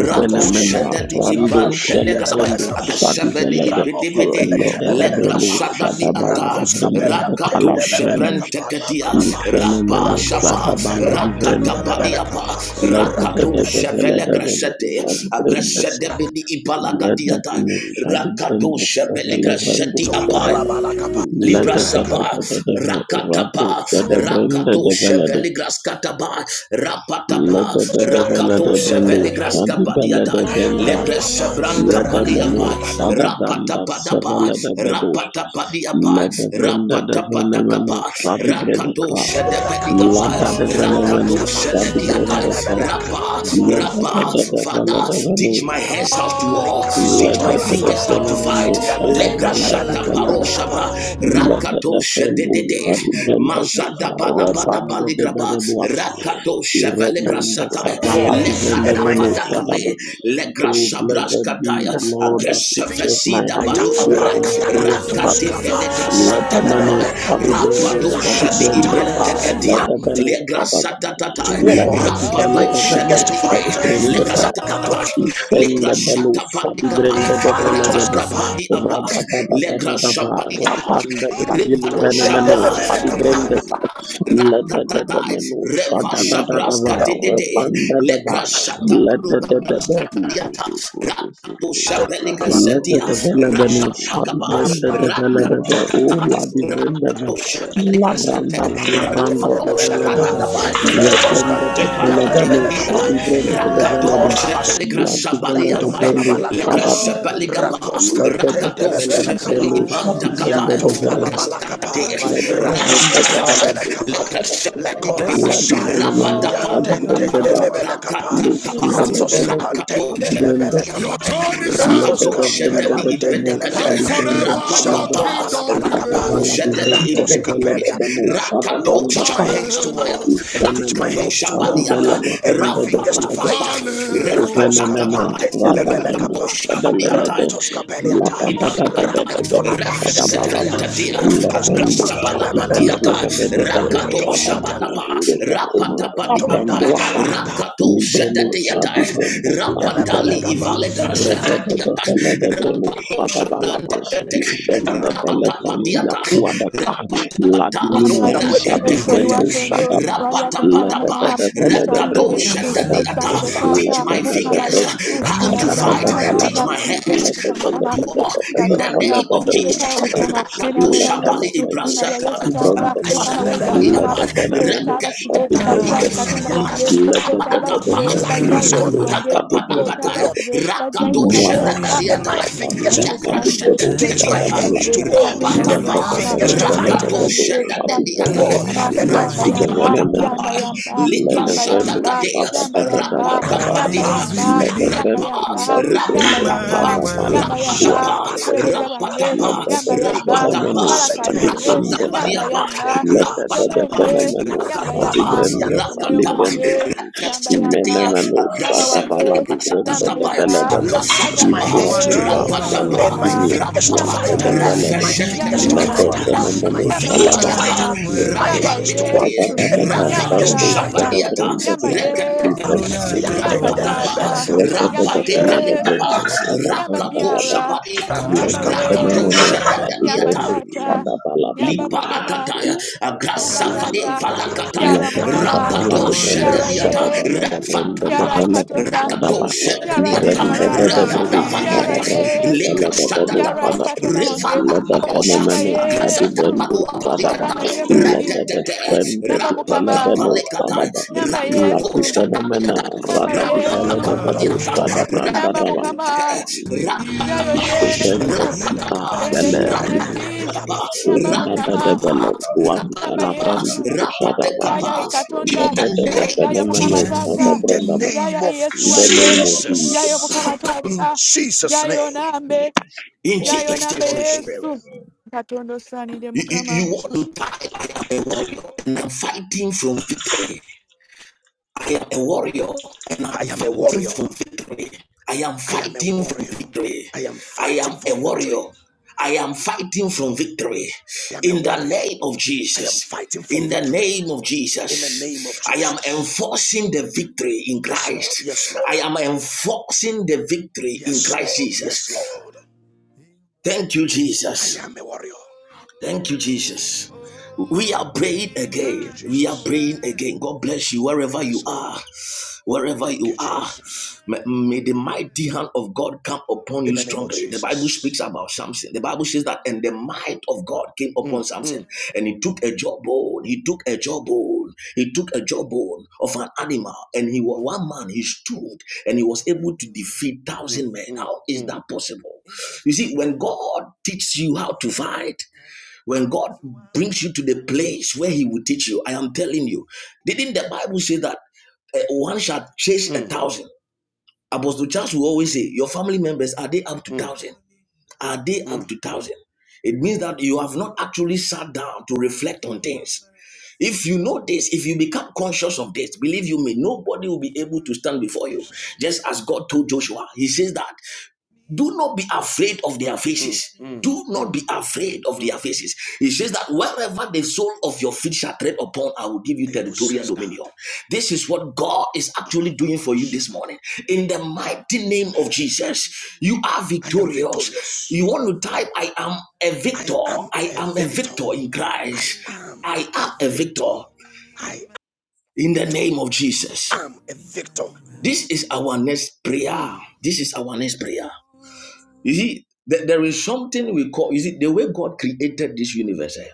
Ufene Ratosko mena Shadadi ventoska rando Iban shele Telegrasabaya brendo pantendelebelekapa, shadi Abeshabadi vele de. ranoko Ipidibide vele Lede de brendo telebelekapa, shada Legrashadadi Sunday, bala di Ata rakoska vrende de kala Rakato di vrendo. Shebren peliantendelebelekapa da da Teketia da ba, Ifene meno Rapa rakoska shada Shapa bala di vrende Rakatapadiapa peluantendelebelekapa, Let kabara the Rakato the rakatele. the the basanzwe let the the Shevelegrasete shadi biyandana bring the sa. kaba Agresedebidi Let bebe the Ibalagadiata the bebe shadi bring Rakato the yantali sa. Let kaba the Shebelegrasedi the bara shada Apai ba. Tondalabalakapa, le Let Libra kaba the the raka- the Sapa, baba the the the ratu Rakatapa, shada bring the Rakato the let the. Cheveligras Kataba, Let Rapatapa, the the the the let Rakato the bring the Cheveligras shadi le bring the kaba Kapadiada, the bring the. Legre Shebranta Let the Paliaba, menu shada Rapatapadapa, Rapatapadiapa, Rapatapadakapa, Rakato yantali kaba Shedebediapa, bara Rakato basango rakadalakapa, shedebedi bebe Rabba, le La yantelebelekadadadaba, da da kaba Rabba, da da da baba Father, la da da sango do. teach my bebe hands how bara to war, La teach my da Ikabada da da fingers how shadaba to fight. fenomeno kakaraba shaba le Legra banda dekaraba di shata la paro da. shadaba. shabra, kaba La da rakato da fenu shedede, Thank fatu benda da ka mazada bada bada repanda de Thank baligraba, bela duata. you. rakato I Thank shevelegra repanda shata, savala di vrenda And legada my meno vada shaba ba. gabe, legra Oh, shabra blessed be the Lord that teaches my Agresavasida hands fighter, balu war abai. and my fingers to battle. Rakate Rakatalakatuskaba, veledra Let the menu satatabai. shadi brendo Rapado shadi shadi brenda sa. Let ipentekatia. the menu Legra shadaba. to satatatai. Let war you. the and divine my let Rapado the fingers menu to shadadi ibe. shadi fight. brenda Legra sa. Rakatos, satatatai. Legra Ifende belusa shatabadi di kabai. brende de vele de be. Revada Ifalatoskapa, badi abai. Rada da da da da Legra da da. shabadi abai. Rapande you. sa vili Revado vene Ibarat para shaba. menusa basah, Tendelemenekapa, para brende sa. basah, para Le basah, de de de Rakatatai, menusa Reva da Thank da da da ba Shabraskati Dede, rapanda da. Legrashata Rapande de Paruka de de de. Braskatiata, Rakato Lende Shabeligrasetia, de vele benu fadi Rakapakapa, brende de vele de Rakat, ve o la di vende ve Rakato la Shabeligrasete, branda va la branda di Rafato vele de Antendelebelekapa, ve Shadadabai, retende de vele benu Lekoskantendelebelekapa, Ipalakategadiatai, fadi brende de Rakato vele de Lekorabas, Sheveligra la di Yan- de Sabaliabai, benu Legra fada da va Sepeligaba, Rakos lende de de Cantendelebele. Rakato vele de Sheveli benu para fadi Ipanta Kapa, basah, brende de para Yantonda vele la de basah, Rastakate, balakapa My lende de vende de Rapatapa, vele de kapa fada Legra da you. lekotende la di Thank you. Sepelibe, vele menu fadi Rapatapa, brende da lebele Rakata kapa di vende Rakatakapa, de vele de Rakato fadi roskapantende lebele brende kapa Shadatiapa, Your throne is set, rakos Rakato Shadadi kampeluantende Libreno lebele and Impedicate, Shadi Brenda forever your rapapa, shantonda la kingdom balakapa Rakato Shadadi Impedicate, Lord, Rakato teach my Shabadi hands to Apaya, war. Teach my Rakato hands to Shabadi war. Ata, And my fingers to fight. Rapapapa, Rakoska Repatakapa, pantendelebele Rakato kapa, Shabadi rantoska peliata, Ipalakata, rakadola basketalia, Refesefrentatia, rakoska Rata pantelebele basa, Agrasapalapatiata, kapa, rata Rakato basa, rakatoska Shabadaba, Rapatapadi telentonda Apa, la balakata, Rakato Shadadiata, Kabasandere Boroko Fadi delebele Vela Rapatali Bosandere Ivaledra let kapa. Gayana Shadadiata, Nikara Rapato Babana Recognize Basandere Shadante, Yandale Rapatapadiata, Babana Nikara rapatapata, We know that Babana Wamari, when we yes, so you pray, rakatakata, are Kabasandere going he to Rally Akon Gayana rapatapatapa, Kanamakana, Sani the ragado Nirabana kapa, Yesu, Sani shadadiata. the Kabasandere falakata Teach Tata, my Mukana fingers Gayana Yesu, when we how Mena to tata Mena fight. Nibubu Mukana Teach Eko Tata, my hands Mena Mukana, how Bosandere to war. Mukana Gayana In the Tata, name of Mukana Jesus, Nikara Mukana, Mena rakato Babana Mena shabali Yesu, Mena Basandere Mena ibrasata, Yesu Babana Tata, Mukana Wanda Nibubu Eko Bosandere Gayana Mukana, abrasatapadiapa, Nikara Thank Okule you. Tara Sive, by rakatakati, tadapa, Rakam Jai Katonda Wange, Okule Tara masatapadagaba, Sive, by Babana Jai Yesu Wange, Basandere Okule Tara rapatakapadakata, Lord. the Sive, Babana by Jai rakato To Mukana war Mwamaka Tata, and shadadadiata, my fingers Yes, to wapanda for Sunday. sabikoro Yes, teach for my lagrashadadadiata. shadabala hands Sunday. to war Katonda and wange my Rapatapa, para mukama. fingers to babasa Yes, for fight para Rakato lebedebedo Sunday. babanya, to Shadadadiata, shadubende war Mama, and tanya my yamba fingers. იქარავა yamba, შარაბა sudevelemena Rapatapatapa, yamba yamba, Ligra yamba lebevremu yamba, Shatadade, yamba yamba, shadadadadadadada yamba Rapatapatiata, yamba, yamba lebevremu Rapa, yamba, yamba shadibrenu yamba, Rapatapa, shadavala yamba yamba, Rapatapa, duantebe Shalabalaka mwereza Sunday, wange, Dadaba, Rapatapa, yamba yamba, lebedefenemenu Rapatapa, malakai Likorabasete, wange, shadibrendesa yamba Rapatapadiapa, yamba, Yakadalabalakapa, Rapatapa, semwene, lebedefenemenu yamba Dadadaba, Rakatapa, yamba, Yan. shadibrendesa omwoyo Rakata, livrenu gwange, yamba Rakashatatia, yamba, Imenemeno mama Shadavala wange, Divrenda yamba Thank Agrashavadigasatadabaya, yamba, Develedebe, Lord, teach baganda my Agrasatapa, hand Ibua bange, Duta Yamba Fele Rapatapa, and my yamba, Bimia fingers to Dua Rapa, yamba fight, yamba Yesu, Fedevelede, my yamba fingers Rafashetete, to yamba Lede fight, Rabasha, Tata, my, Fenemeno yamba yamba Shalaba, Rapayapa, Mukama, my yamba hands to walk, Rapatikati, Lada Yesu, Dada and my yamba fingers Rakato to Vendo fight. Tata, Shabadiata, Fedebrenda yamba Sai, Yesu, Rekatete, Livedico yamba Shadaba, Rapatapa, Tata, you. Rede yamba Dede Felede Brendo Yesu, Rapatigelitaba, yamba Shadabrenda Rakato Dadaba, Piara, Shabadiata, yamba Lede Rakato Yesu, Fenemeno yamba Shedadiata, Shadibrendo Tata, Shadabaladaba, yamba Mukama, Liparataya, yamba Agrasavade Tata, Valakataya, Piara Mukama, Thank Rapado you. Shadaba, Piara Shadadiata, Yesu, Refatapa, Piara Ikatonda, Rakato Yarai Shadadiata, Mukamatata, Yara Revadavadiata, Thank Yesu, Legrashadadaba, Yara Ikatwana Wange, Revadabosha, Yamba Yesu, Agrasatapano Apadiata, Salvame ndiye mwezi, Redete, Yamba Mukama, Rapatapalekatai, Yamba Rakato Yesu, Shadadiata, Yamba Yesu, Rapatapadiata, Yamba Mukama, Rap, Jayo Yesu, Rapatapa, Pendeze Rap, miezi, Yamba Rap. Mukama, Yamba Rapatakapa, Yesu, rapatakapa, Yaya In Ikatonda, the name Yayo of Ladadadafenemeno Jesus. Mukamatata, In the shadabrandama. name Yaya of Yesu In In the the Wange, name of mighty name Jesus. of Jayo Jesus, Jesus in Mukamatata, Jesus' you. Jayo name. Nambe, Christ, In Oh, yayo thank you, namba Jesus' Holy name. yesu Spirit. Amen. katonda osaanidde You, you, Thank mukama you, you want Jesus. to die? I am a warrior and I'm fighting from victory. I am a warrior and I'm I am a fighting warrior. for victory. I am I am a fighting for warrior. victory. I am I am fighting a for victory. warrior. I am fighting for victory. I am a In the warrior. name of I am Jesus. fighting from In the victory name of in the name of Jesus, I am Jesus. enforcing the victory in Yes, Christ. Lord. Yes, Lord. I am enforcing the victory in Yes, Christ Lord. Jesus. Yes, Lord. Thank you, I Jesus. am a warrior. Thank you, Jesus. We are praying Thank you, again. We are Jesus. praying again. God bless you wherever you Yes, Lord. are. Wherever Thank you you, are, Jesus. may the mighty hand of God come upon In you the name of strongly. The Bible speaks Jesus. about Samson. The Bible says that, and the might of God came upon Mm, Samson, and he took a jawbone. He took a jawbone. He took a jawbone of an animal, and he was one man. He stood, and he was able to defeat mm, thousand men. mm, How is mm, that possible? You see, when God teaches you how to fight, when God brings you to the place where He will teach you, I am telling you, didn't the Bible say that uh, one shall chase a thousand? Apostle Charles will always say, Your family members, are they up to mm, thousand? Are they up mm. to thousand? It means that you have not actually sat down to reflect on things. If you know this, if you become conscious of this, believe you me, nobody will be able to stand before you. Jesus. Just as God told Joshua, he says that. Do not be afraid of their Mm, faces. Do not mm, be afraid of mm. their faces. He says that wherever the sole of your feet shall tread upon, I will give you I territorial possess that. dominion. This is what God is Ba, ba, actually ba, doing ba, for you this shada, ba. morning. In the mighty name Amen. of Jesus, you are I am victorious. victorious. You want to type, I am a I victor. am I a am a victor. victor in Christ. I am I a am a victor. victor I in the name of Jesus. am a victor. This is our next prayer. Mm, This is our next prayer. You see, th- there is something we call, you see, the way God created this universe, eh,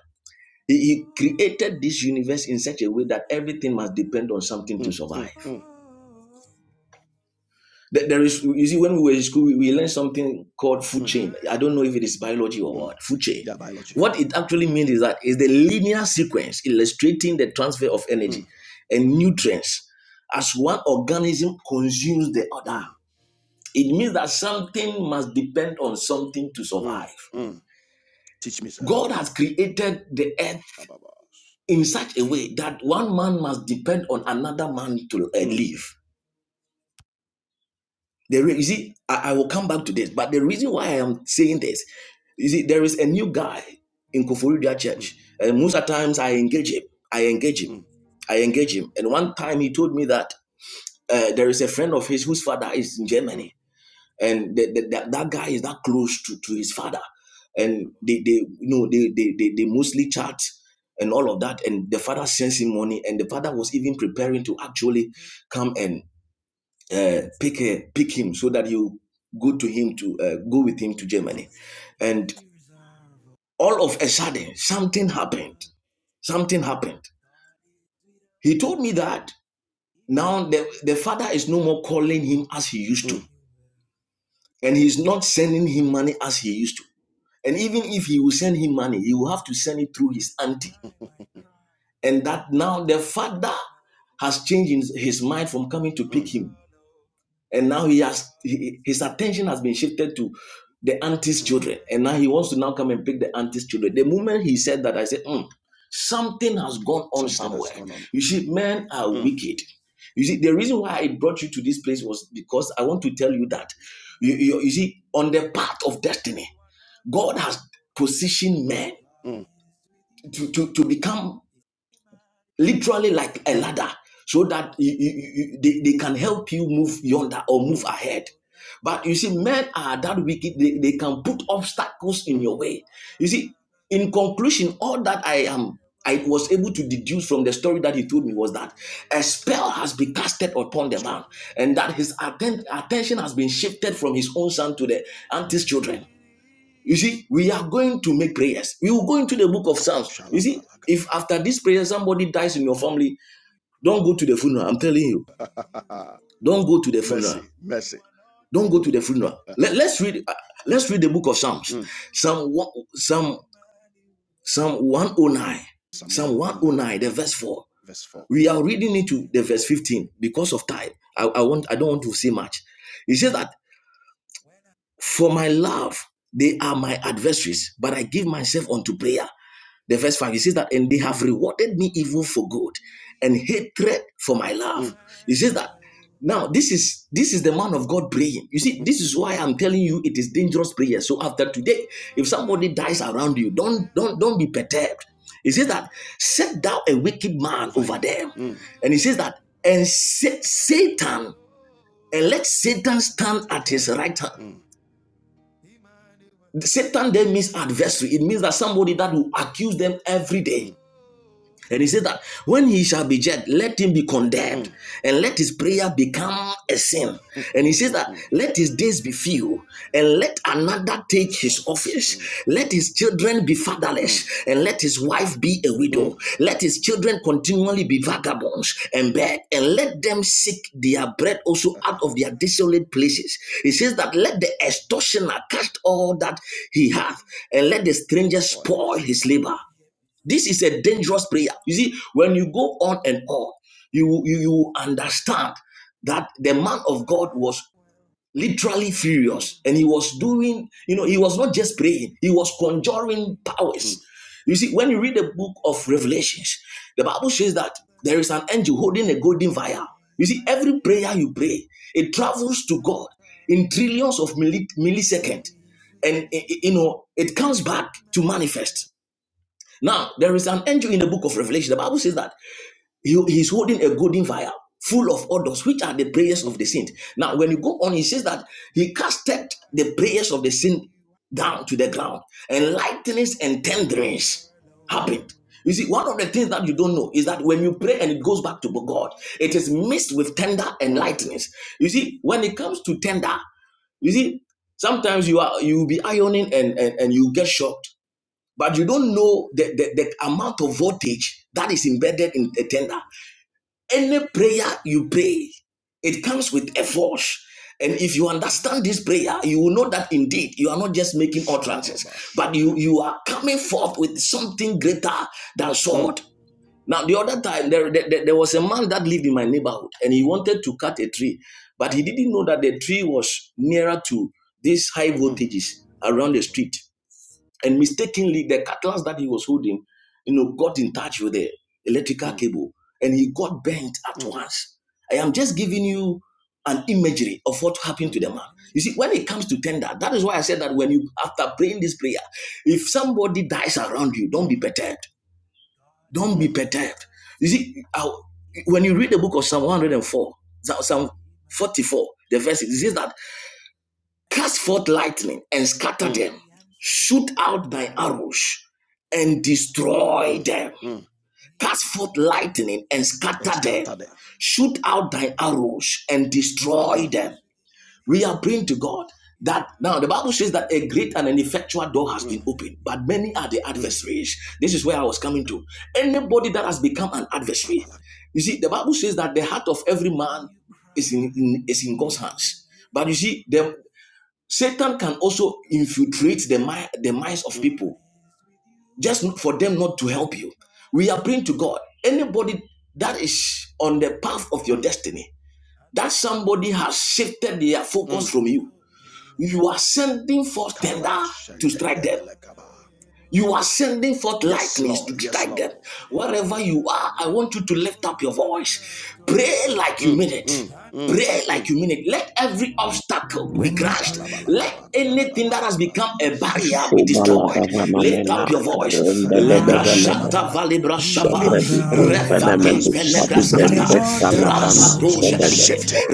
he, he created this universe in such a way that everything must depend on something to mm, survive. mm, Th- There is, you see, when we were in school, we, we learned something called food chain. I don't know if it is biology or mm. what, food chain. Yeah, biology. What it actually means is that is the linear sequence illustrating the transfer of Mm, energy and nutrients as one organism consumes the other. mm, It means that something must depend on something to mm, survive. mm. Teach me, sir. God has created the earth Ababas. in such a way that one man must depend on another man to uh, Mm, live. The re- you see, I, I will come back to this, but the reason why I am saying this, you see, there is a new guy in Koforidua mm, Church, and most of the times I engage him. I engage him. mm, I engage him, and one time he told me that uh, there is a friend of his whose father is in Germany mm. and the, the, that that guy is that close to, to his father and they, they you know they, they they they mostly chat and all of that and the father sends him money and the father was even preparing to actually come and uh, pick a, pick him so that you go to him to uh, go with him to germany and all of a sudden something happened something happened he told me that now the, the father is no more calling him as he used to and he's not sending him money as he used to And even if he will send him money, he will have to send it through his auntie. And that now the father has changed his mind from coming to pick him. And now he has he- his attention has been shifted to the auntie's children. And now he wants to now come and pick the auntie's children. The moment he said that, I said, "Hmm, something has gone on Something has somewhere. gone on. You see, men are wicked. You see, the reason why I brought you to this place was because I want to tell you that you, you, you see, on the path of destiny, God has positioned Mm, men to, to, to become literally like a mm, ladder so that you, you, you, they, they can help you move yonder or move ahead. But you see, men are that wicked, they, they can put obstacles in mm. your way. You see, in conclusion, all that I am I was able to deduce from the story that he told me was that a spell has been casted upon the It's true. man, and that his atten- attention has been shifted from his own son to the auntie's children. Mm. You see, we are going to make prayers. We will go into the book of Psalms. You see, Shalabalaka. if after this prayer somebody dies in your family, don't go to the funeral. I'm telling you, don't go to <laughs> the funeral. mercy, mercy. Don't go to the funeral. Let, let us read. uh, let's read the book of Psalms. Mm. Psalm one, Psalm Psalm 109, Psalm Psalm 109, 109, the verse four. verse 4. We are reading into the verse 15 because of time. I, I want. I don't want to say much. He says that For my love, they are my adversaries, but I give myself unto Prayer prayer. The verse 5, it says that, and they have rewarded me evil for good and hatred for my love. It says that now this is this is the man of God praying. You see, this is why I'm telling you it is dangerous prayer. So after today, if somebody dies around you, don't don't don't be perturbed. It says that set thou a wicked man over over him. them. Mm. And he says that, and set Satan, and let Satan At stand his at his right hand. right hand Mm, Satan then means adversary. It means that somebody that will accuse them every day. mm, And he said that when he shall be judged, let him be condemned, mm, and let his prayer become a sin. And he <laughs> says mm, that mm. let his days be few, and let another take His his office. office. Mm, Let his children be mm, fatherless, and let his wife be a widow. mm. Let his children continually be vagabonds and beg, and let them seek their bread also That's out of their desolate places. He says that let the extortioner cast all that he hath, and let the stranger spoil spoil his lip. his labor. This is a dangerous prayer. You see, when you go on and on, you you, you understand that the man of God was literally furious and he was doing, you know, he was not just praying, he was conjuring powers. Mm, You see, when you read the book of Revelations, the Bible says that there is an angel holding a golden mm, vial. You see, every prayer you pray, it travels to God in trillions of milli- milliseconds. And, eh, eh, you know, it comes back to manifest. Now, there is an angel in the book of Revelation. The Bible says that he, he's holding a golden vial full of odors, which are the prayers of the saint. Now, when you go on, he says that he casted the prayers of the saint down to the ground, and lightnings and thunderings happened. You see, one of the things that you don't know is that when you pray and it goes back to God, it is mixed with tender and mm. lightnings. You see, when it comes to tender, you see, sometimes you are you will be ironing and, and and you get shocked but you don't know the, the, the amount of voltage that is embedded in the tender. Any prayer you pray, it comes with a force. And if you understand this prayer, you will know that indeed you are not just making utterances, Shalababasha. but you, you are coming forth with something greater than Mm, sword. Now, the other time, there, there, there there was a man that lived in my neighborhood and he wanted to cut a tree, but he didn't know that the tree was nearer to these high mm, voltages around the street. And mistakenly, the cutlass that he was holding, you know, got in touch with the mm, electrical mm, cable and he got bent at mm, once. I am just giving you an imagery of what happened to the mm, man. You see, when it comes to tender, that is why I said that when you, after praying this prayer, if somebody dies around you, don't be perturbed. Don't be perturbed. You see, when you read the book of Psalm 104, Psalm 44, the verse, it says that Cast forth lightning and scatter mm, them. Shoot out thy arrows and destroy them. mm. Cast forth lightning and And scatter them. scatter them. Shoot out thy arrows and destroy them. We are praying to God that now the Bible says that a great and an effectual door has been opened, but many are the Mm. adversaries. This is where I was coming to. Anybody that has become an adversary, Babalak. you see, the Bible says that the heart of every man is in, in- is in God's hands. But you see, them. Satan can also infiltrate the, mi- the minds of people just for them not to help you. We are praying to God. Anybody that is on the path of your Mm. destiny, that somebody has shifted their focus from you, you are sending forth tender to strike them. Karabashentendevelekaba. You are sending forth Yes, lightnings Lord. to Yes, strike them. Lord. Wherever you are, I want you to lift up your voice. Pray like you Mm, mean it. mm, mm, Pray like you mm. mean it. Let every obstacle be crushed. Let anything that has become Kabadadadadabadadaba. a barrier be destroyed. Lift up Shobaladavanamena your voice. Rakapantendedededededebelebala. Lebra rendadadavelede. shata valibra shaba. Shabrediko That has venemenu Refate been, velebraskata. shadibrende Jesus, salabrando has Rapato been shadede. shifted. shadadete.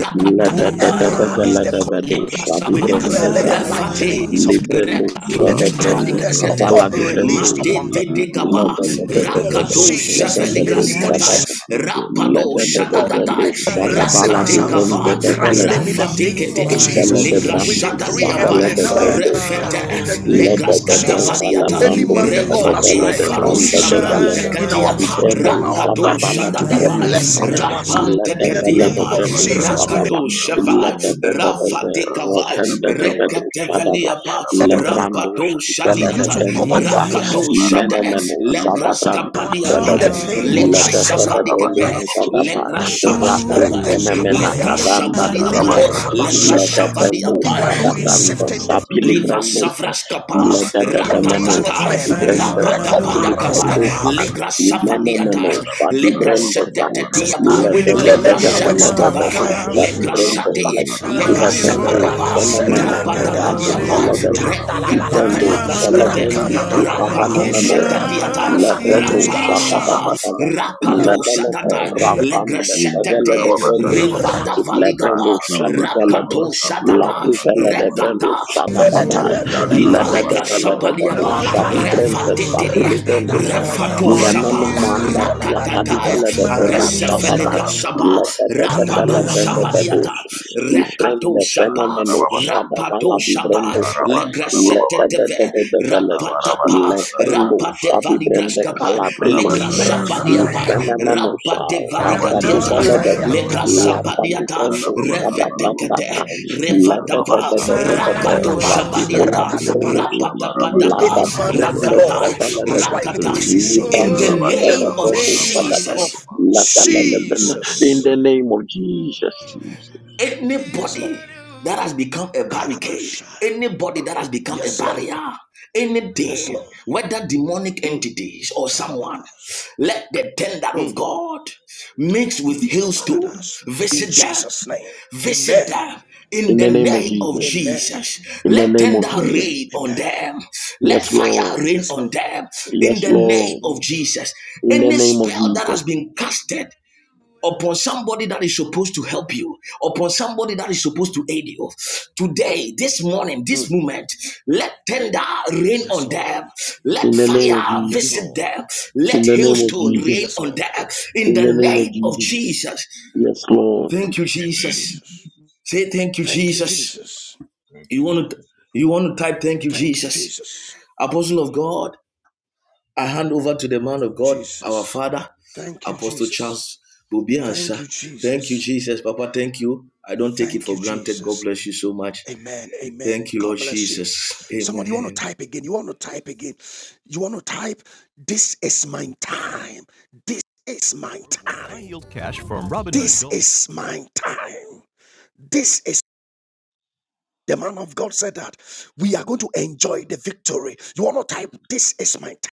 Ikabrahusana Ladadadadaveledebedo Libra brahmana Saba, shadibrende sa. bhaktiya Rafate, Wings of barusikara Librendo Rekato bhakana bhasena shadabrendi Rakabada Shavaligraskate, bhakata kavala God be divrendo released Basandere sa. Made upon them. de bhratana de Bibiri Gaba, bhasana In Bibi the bhakata name of Kada Ladadadadadada. Rakato Jesus. Basandere Ladabedo bhasana di Shavaligraskata, bhakata para in the Rapado mighty name Lord, of bhakata Ladadadabrendo Shadadadai, Jesus de we bhasana pray bhakata Rakate in we Kava, order crush bhasana the divrende that Rafatikete, bhakata Kufala de Ligra anyone brandi that is decree in Shadadiapa, savala de connected to my brandosha. ikara Refete, bhasana the name Lede of bhakata Jesus. bede Legraskata life vala will Vadiata, to help brandosha de Lord, that's vele Revade de rightly ikara Faro overhead zanda de dusana life vele de. bhakata Shabranta bhakata Kadia I part on praise our Ibrandosha the da Rakato path bala mighty de name of Shadadaba brande sai. to Jesus. Oh, us. uh, Lede In the Lord, vele ikara de name Rapantekatiapa of we bhasana put brandosha Jesus, we da your ba. Rakato bhakata minds Shavai Lede bhakata alive, de de de mind de in Libra the do mighty Rafatekavai rotende name de of Sadabakapa, bedosha da ba. Rekateveliapa Le Sadababa everything Rada Rapato brandoski has vele been de used Shadiata to Nasikarabakapa. brande cover. sai. Rakato Shade Imene Ibarabashan da da menosha da da da Jesus. Legras da ba ka ba brandosha da ba. Kapadiaba be. And Lord Lede uh, Legras uh, Jesus. vele Shavadikabe Ibarabashan da da ba da brandosha da objects, ba. oh Legras Lord, oh shabadi Raku Legrasavadikabe Rekos Lord, fenemena in the kapalia mighty randa name de of da vele de legras Legrasabadiapa Jesus. le da rabashete. I Ledekrendo Legrasavadiapa shada cast Who is them on brando the shifting the mighty sapili name Liva of vrendo Jesus. savras kapa fuse? Ledededemeno ratatata shadi brenda santili rapatapada kapa frendo Araskapa. kaha. legra The Imenemeno savadiata shadi legra brenda saha. Rakabodi, the shatatatiapa Sandori, legra Ledededede Bapana shatatava selededede shadi legra Kabada, brenda shate saha. Vasandori, legra Lebendo sapadaba selemena Lika Sistelegede. rabo rapadabadiapa Vasandori, seledede. the regadava Ibrendo legra skate celebrendi sikavana rapato menosa. shatadiata Lebrendo rapa shapa shadadadadada. rakato da de shatata da ba Mobra, legra rapande in sa the shatate Ikarababa mighty name of vrendosa. Sadababa, rivada Jesus. valigaba Lebrendo shadi Rantarababa Later, velede. Sadababa my rakato son didn't Kaparaba shatata Labri leave me velede Sadababa baby brendo and rekata Kapa, Balafele the shadabadai. dear televele La kapa. Livale da thoughts Yantarababa me da da la da aligned da Sadababa to do my grashapaliapa sa own di Sadababa brente sa fi Satarababa, refatetiri le velo sa refato Ikarababa le men shaba Sadababa manda ti a Sadababa ta di Kapa, rakatataya vele de velo sa da agresefele ba grashaba le Yakaparababa, da da da fe le rapado brende baby vedo shabaniata sa ready and i the rekato frende shaba fenomeno Mantarababa, sa da va la rapato di shaba brendo fa le Ikarabantarababa, da da da legreseteteve da da vele de Ikabaraba rapatapa le Sadadada fendo rapate sa de Kaparaba, di brende valigrashkapa, le Iparaba calabrino Bosundore be sa and the i Sadadada, grashapadiapa, Rakadalaba. fenomeno Baba sa rapa de la Ikaraba da di valigadiata, vele Sadadaba Later, de Rakatoskapele le Sadaba, la antandalaba Bosundore da be di grashapadiata, brendo Ishadababa sa in the da Kaparababa, revedekete, branda meeting did with La da Yababa da revadava, da da Kabasanga da da da. rakato dapa. Sadarababa Radikola shabadiata, di Rakode In the name promosa. baby La and rapatapadapa, Any da the di man that the grande Lord rakataya, Kabasanga favela da has da. rightly rakata. Really, positioned In the really, really, in the I da name said, da of da sa really, da name da. well, of Jesus. of La favela da da Later, da. In Jesus. Jesus. the my name of Jesus. Jesus. Yes, Lord. anybody that has become a barricade, Kalabashaya. anybody that has become a Yes, Lord. barrier, Yes, Lord. anything, whether demonic Mm. entities or someone, Kabababas. let the tender of Mm. God mix with hailstone, Baradas. In visit them. Jesus' name. Visit Amen. them in In the the name of name of Jesus. Amen. Jesus. In the Let name of tender Jesus. rain on Amen. them. Let Yes, Lord. fire rain Yes, on Lord. them in Yes, the name Lord. of Mm. Jesus. In the Any name of spell that Jesus. has been casted upon somebody that is supposed to help you, upon somebody that is supposed to aid you. Today, this morning, this Mm. moment, let tender rain Yes, on Lord. them. Let In the name of fire Yes, Jesus. visit Lord. them. Let In the name In of the name hailstone of Jesus. rain Yes, Jesus. on Lord. them. In In the the name of name of Jesus. Jesus. Yes, Lord. Thank you, Amen. Jesus. Jesus. Say thank you, Thank you, Jesus. Jesus. Thank You you, want to Jesus. you want to type thank you, Thank you, Jesus. Jesus. Apostle of God. I hand over to the man of God, our Jesus. Father, Thank you, Apostle Jesus. Charles Thank Bobiansa. you, Thank you, Jesus. Jesus. Papa, thank you. I don't take it Thank you, for granted. God Jesus. bless you so much. Amen. Amen. Thank you, God Lord bless you. Jesus. Somebody, you want to Amen. type again. You want to type again. You want to type, This is my time. This is my time. From Robin This Gold. is my time. This is the man of God said that we are going to enjoy the victory. You want to type, This is my time.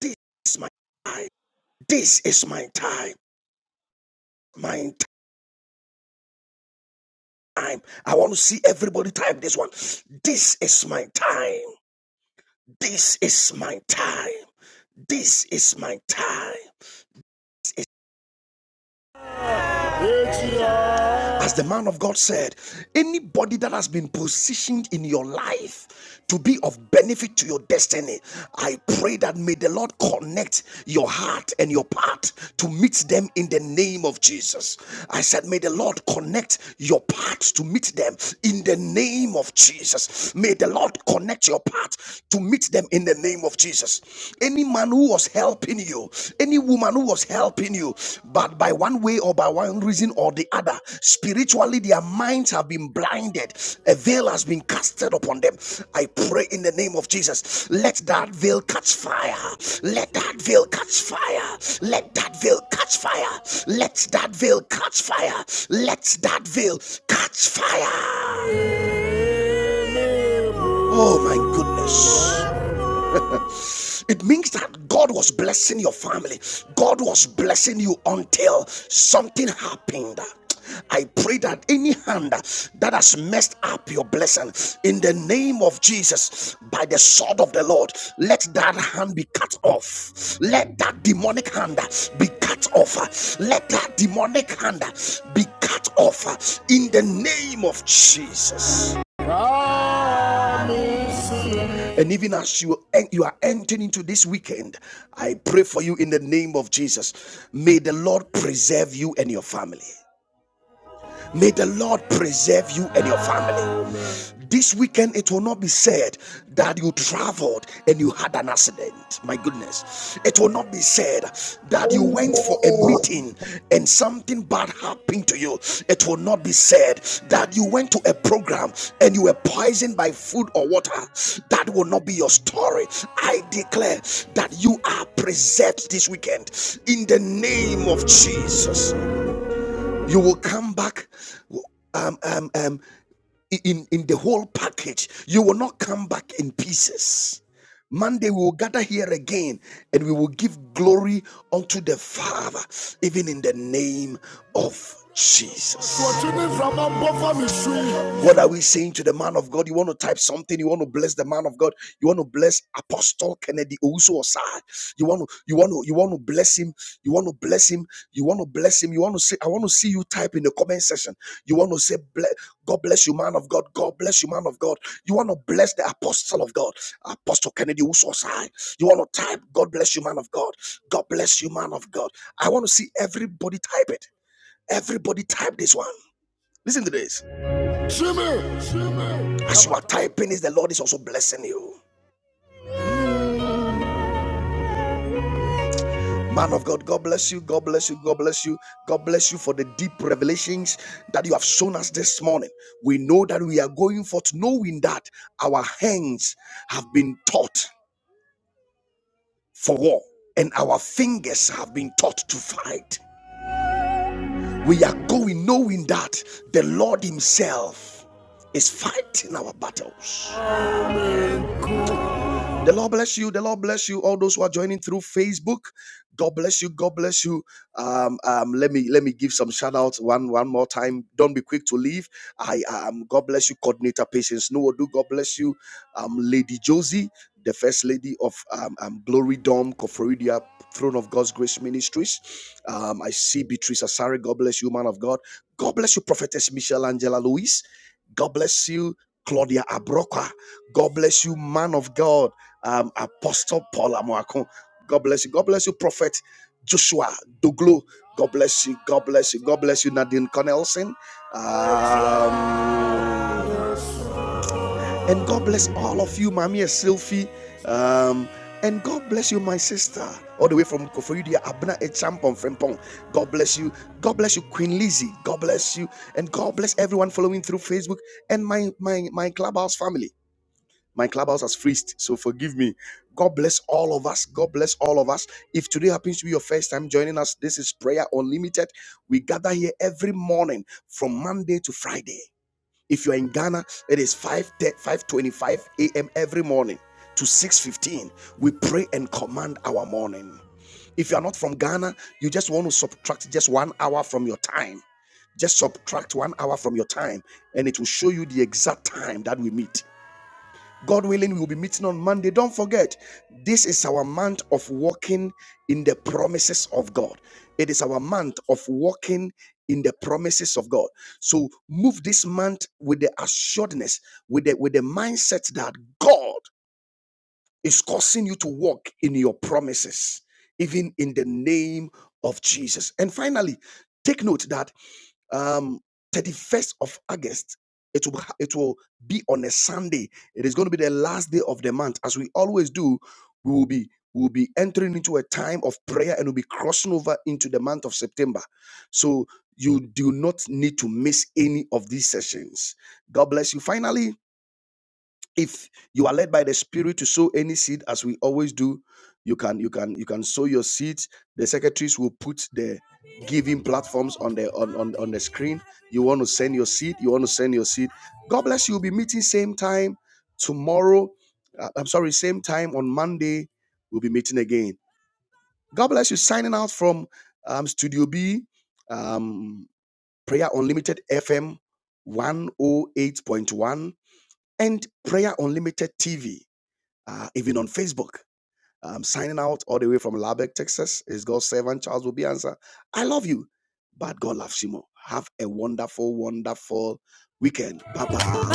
This is my time. This is my time. My time. I want to see everybody type this one. This is my time. This is my time. This is my time. As the man of God said, anybody that has been positioned in your life to be of benefit to your destiny, I pray that may the Lord connect your heart and your path to meet them in the name of Jesus. I said, may the Lord connect your path to meet them in the name of Jesus. May the Lord connect your path to meet them in the name of Jesus. Any man who was helping you, any woman who was helping you, but by one way or by one reason or the other, spiritually their minds have been blinded, a veil has been casted upon them. I pray in the name of Jesus, let that veil catch fire, let that veil catch fire, let that veil catch fire, let that veil catch fire, let that veil catch fire. Oh my goodness. It means that God was blessing your family, God was blessing you until something happened. I pray that any hand that has messed up your blessing in the name of Jesus by the sword of the Lord, let that hand be cut off. Let that demonic hand be cut off. Let that demonic hand be cut off in the name of Jesus. Promise. And even as you, you are entering into this weekend, I pray for you in the name of Jesus. May the Lord preserve you and your family. May the Lord preserve you and your family. This weekend, it will not be said that you traveled and you had an accident. My goodness. It will not be said that you went for a Amen. meeting and something bad happened to you. It will not be said that you went to a program and you were poisoned by food or water. That will not be your story. I declare that you are preserved this weekend in the name of Jesus. You will come back um, um, um, in, in the whole package. You will not come back in pieces. Monday, we will gather here again and we will give glory unto the Father, even in the name of Jesus. What are we saying to the man of God? You want to type something, you want to bless the man of God, you want to bless Apostle Kennedy Ousu Osai. You want to, you want to, you want to bless him, you want to bless him, you want to bless him, you want to say, I want to see you type in the comment section. You want to say, God bless you, man of God. God bless you, man of God. You want to bless the apostle of God, Apostle Kennedy Usosai. You want to type, God bless you, man of God. God bless you, man of God. I want to see everybody type it. Everybody type this one. Listen to this. As you are typing this, the Lord is also blessing you. Man of God, God bless you. God bless you. God bless you. God bless you for the deep revelations that you have shown us this morning. We know that we are going forth knowing that our hands have been taught for war and our fingers have been taught to fight. We are going knowing that the Lord Himself is fighting our battles. The Lord bless you. The Lord bless you. All those who are joining through Facebook, God bless you. God bless you. Um, um, let me let me give some shout outs one one more time. Don't be quick to leave. I um, God bless you, coordinator patience. No do. God bless you, um, Lady Josie, the first lady of um, um Glory Dome, Koforidia, Throne of God's Grace Ministries. Um, I see Beatrice Asari. God bless you, man of God. God bless you, prophetess Michelle Angela Louise. God bless you, Claudia Abroka. God bless you, man of God um, Apostle Paul Amoakon. God bless you. God bless you, Prophet Joshua Doglo. God bless you. God bless you. God bless you, Nadine Connelson. Um, and God bless all of you, Mami Sylvie. Um, and God bless you, my sister, all the way from Koforidia, Abna Echampon, Frempong. God bless you. God bless you, Queen Lizzie. God bless you. And God bless everyone following through Facebook and my, my, my Clubhouse family. My clubhouse has freezed, so forgive me. God bless all of us. God bless all of us. If today happens to be your first time joining us, this is Prayer Unlimited. We gather here every morning from Monday to Friday. If you are in Ghana, it is 5 25 a.m. every morning to 6:15. We pray and command our morning. If you are not from Ghana, you just want to subtract just one hour from your time. Just subtract one hour from your time, and it will show you the exact time that we meet. God willing, we'll be meeting on Monday. Don't forget, this is our month of walking in the promises of God. It is our month of walking in the promises of God. So move this month with the assuredness, with the with the mindset that God is causing you to walk in your promises, even in the name of Jesus. And finally, take note that um 31st of august it will it will be on a sunday it is going to be the last day of the month as we always do we will be we will be entering into a time of prayer and we'll be crossing over into the month of september so you do not need to miss any of these sessions god bless you finally if you are led by the spirit to sow any seed as we always do you can you can you can sow your seeds the secretaries will put the giving platforms on the on, on on the screen you want to send your seed you want to send your seed god bless you we'll be meeting same time tomorrow uh, i'm sorry same time on monday we'll be meeting again god bless you signing out from um studio b um prayer unlimited fm 108.1 and prayer unlimited tv uh, even on Facebook. I'm signing out all the way from Lubbock, Texas. It's God's servant Charles will be answer. I love you, but God loves you more. Have a wonderful, wonderful weekend. Bye bye.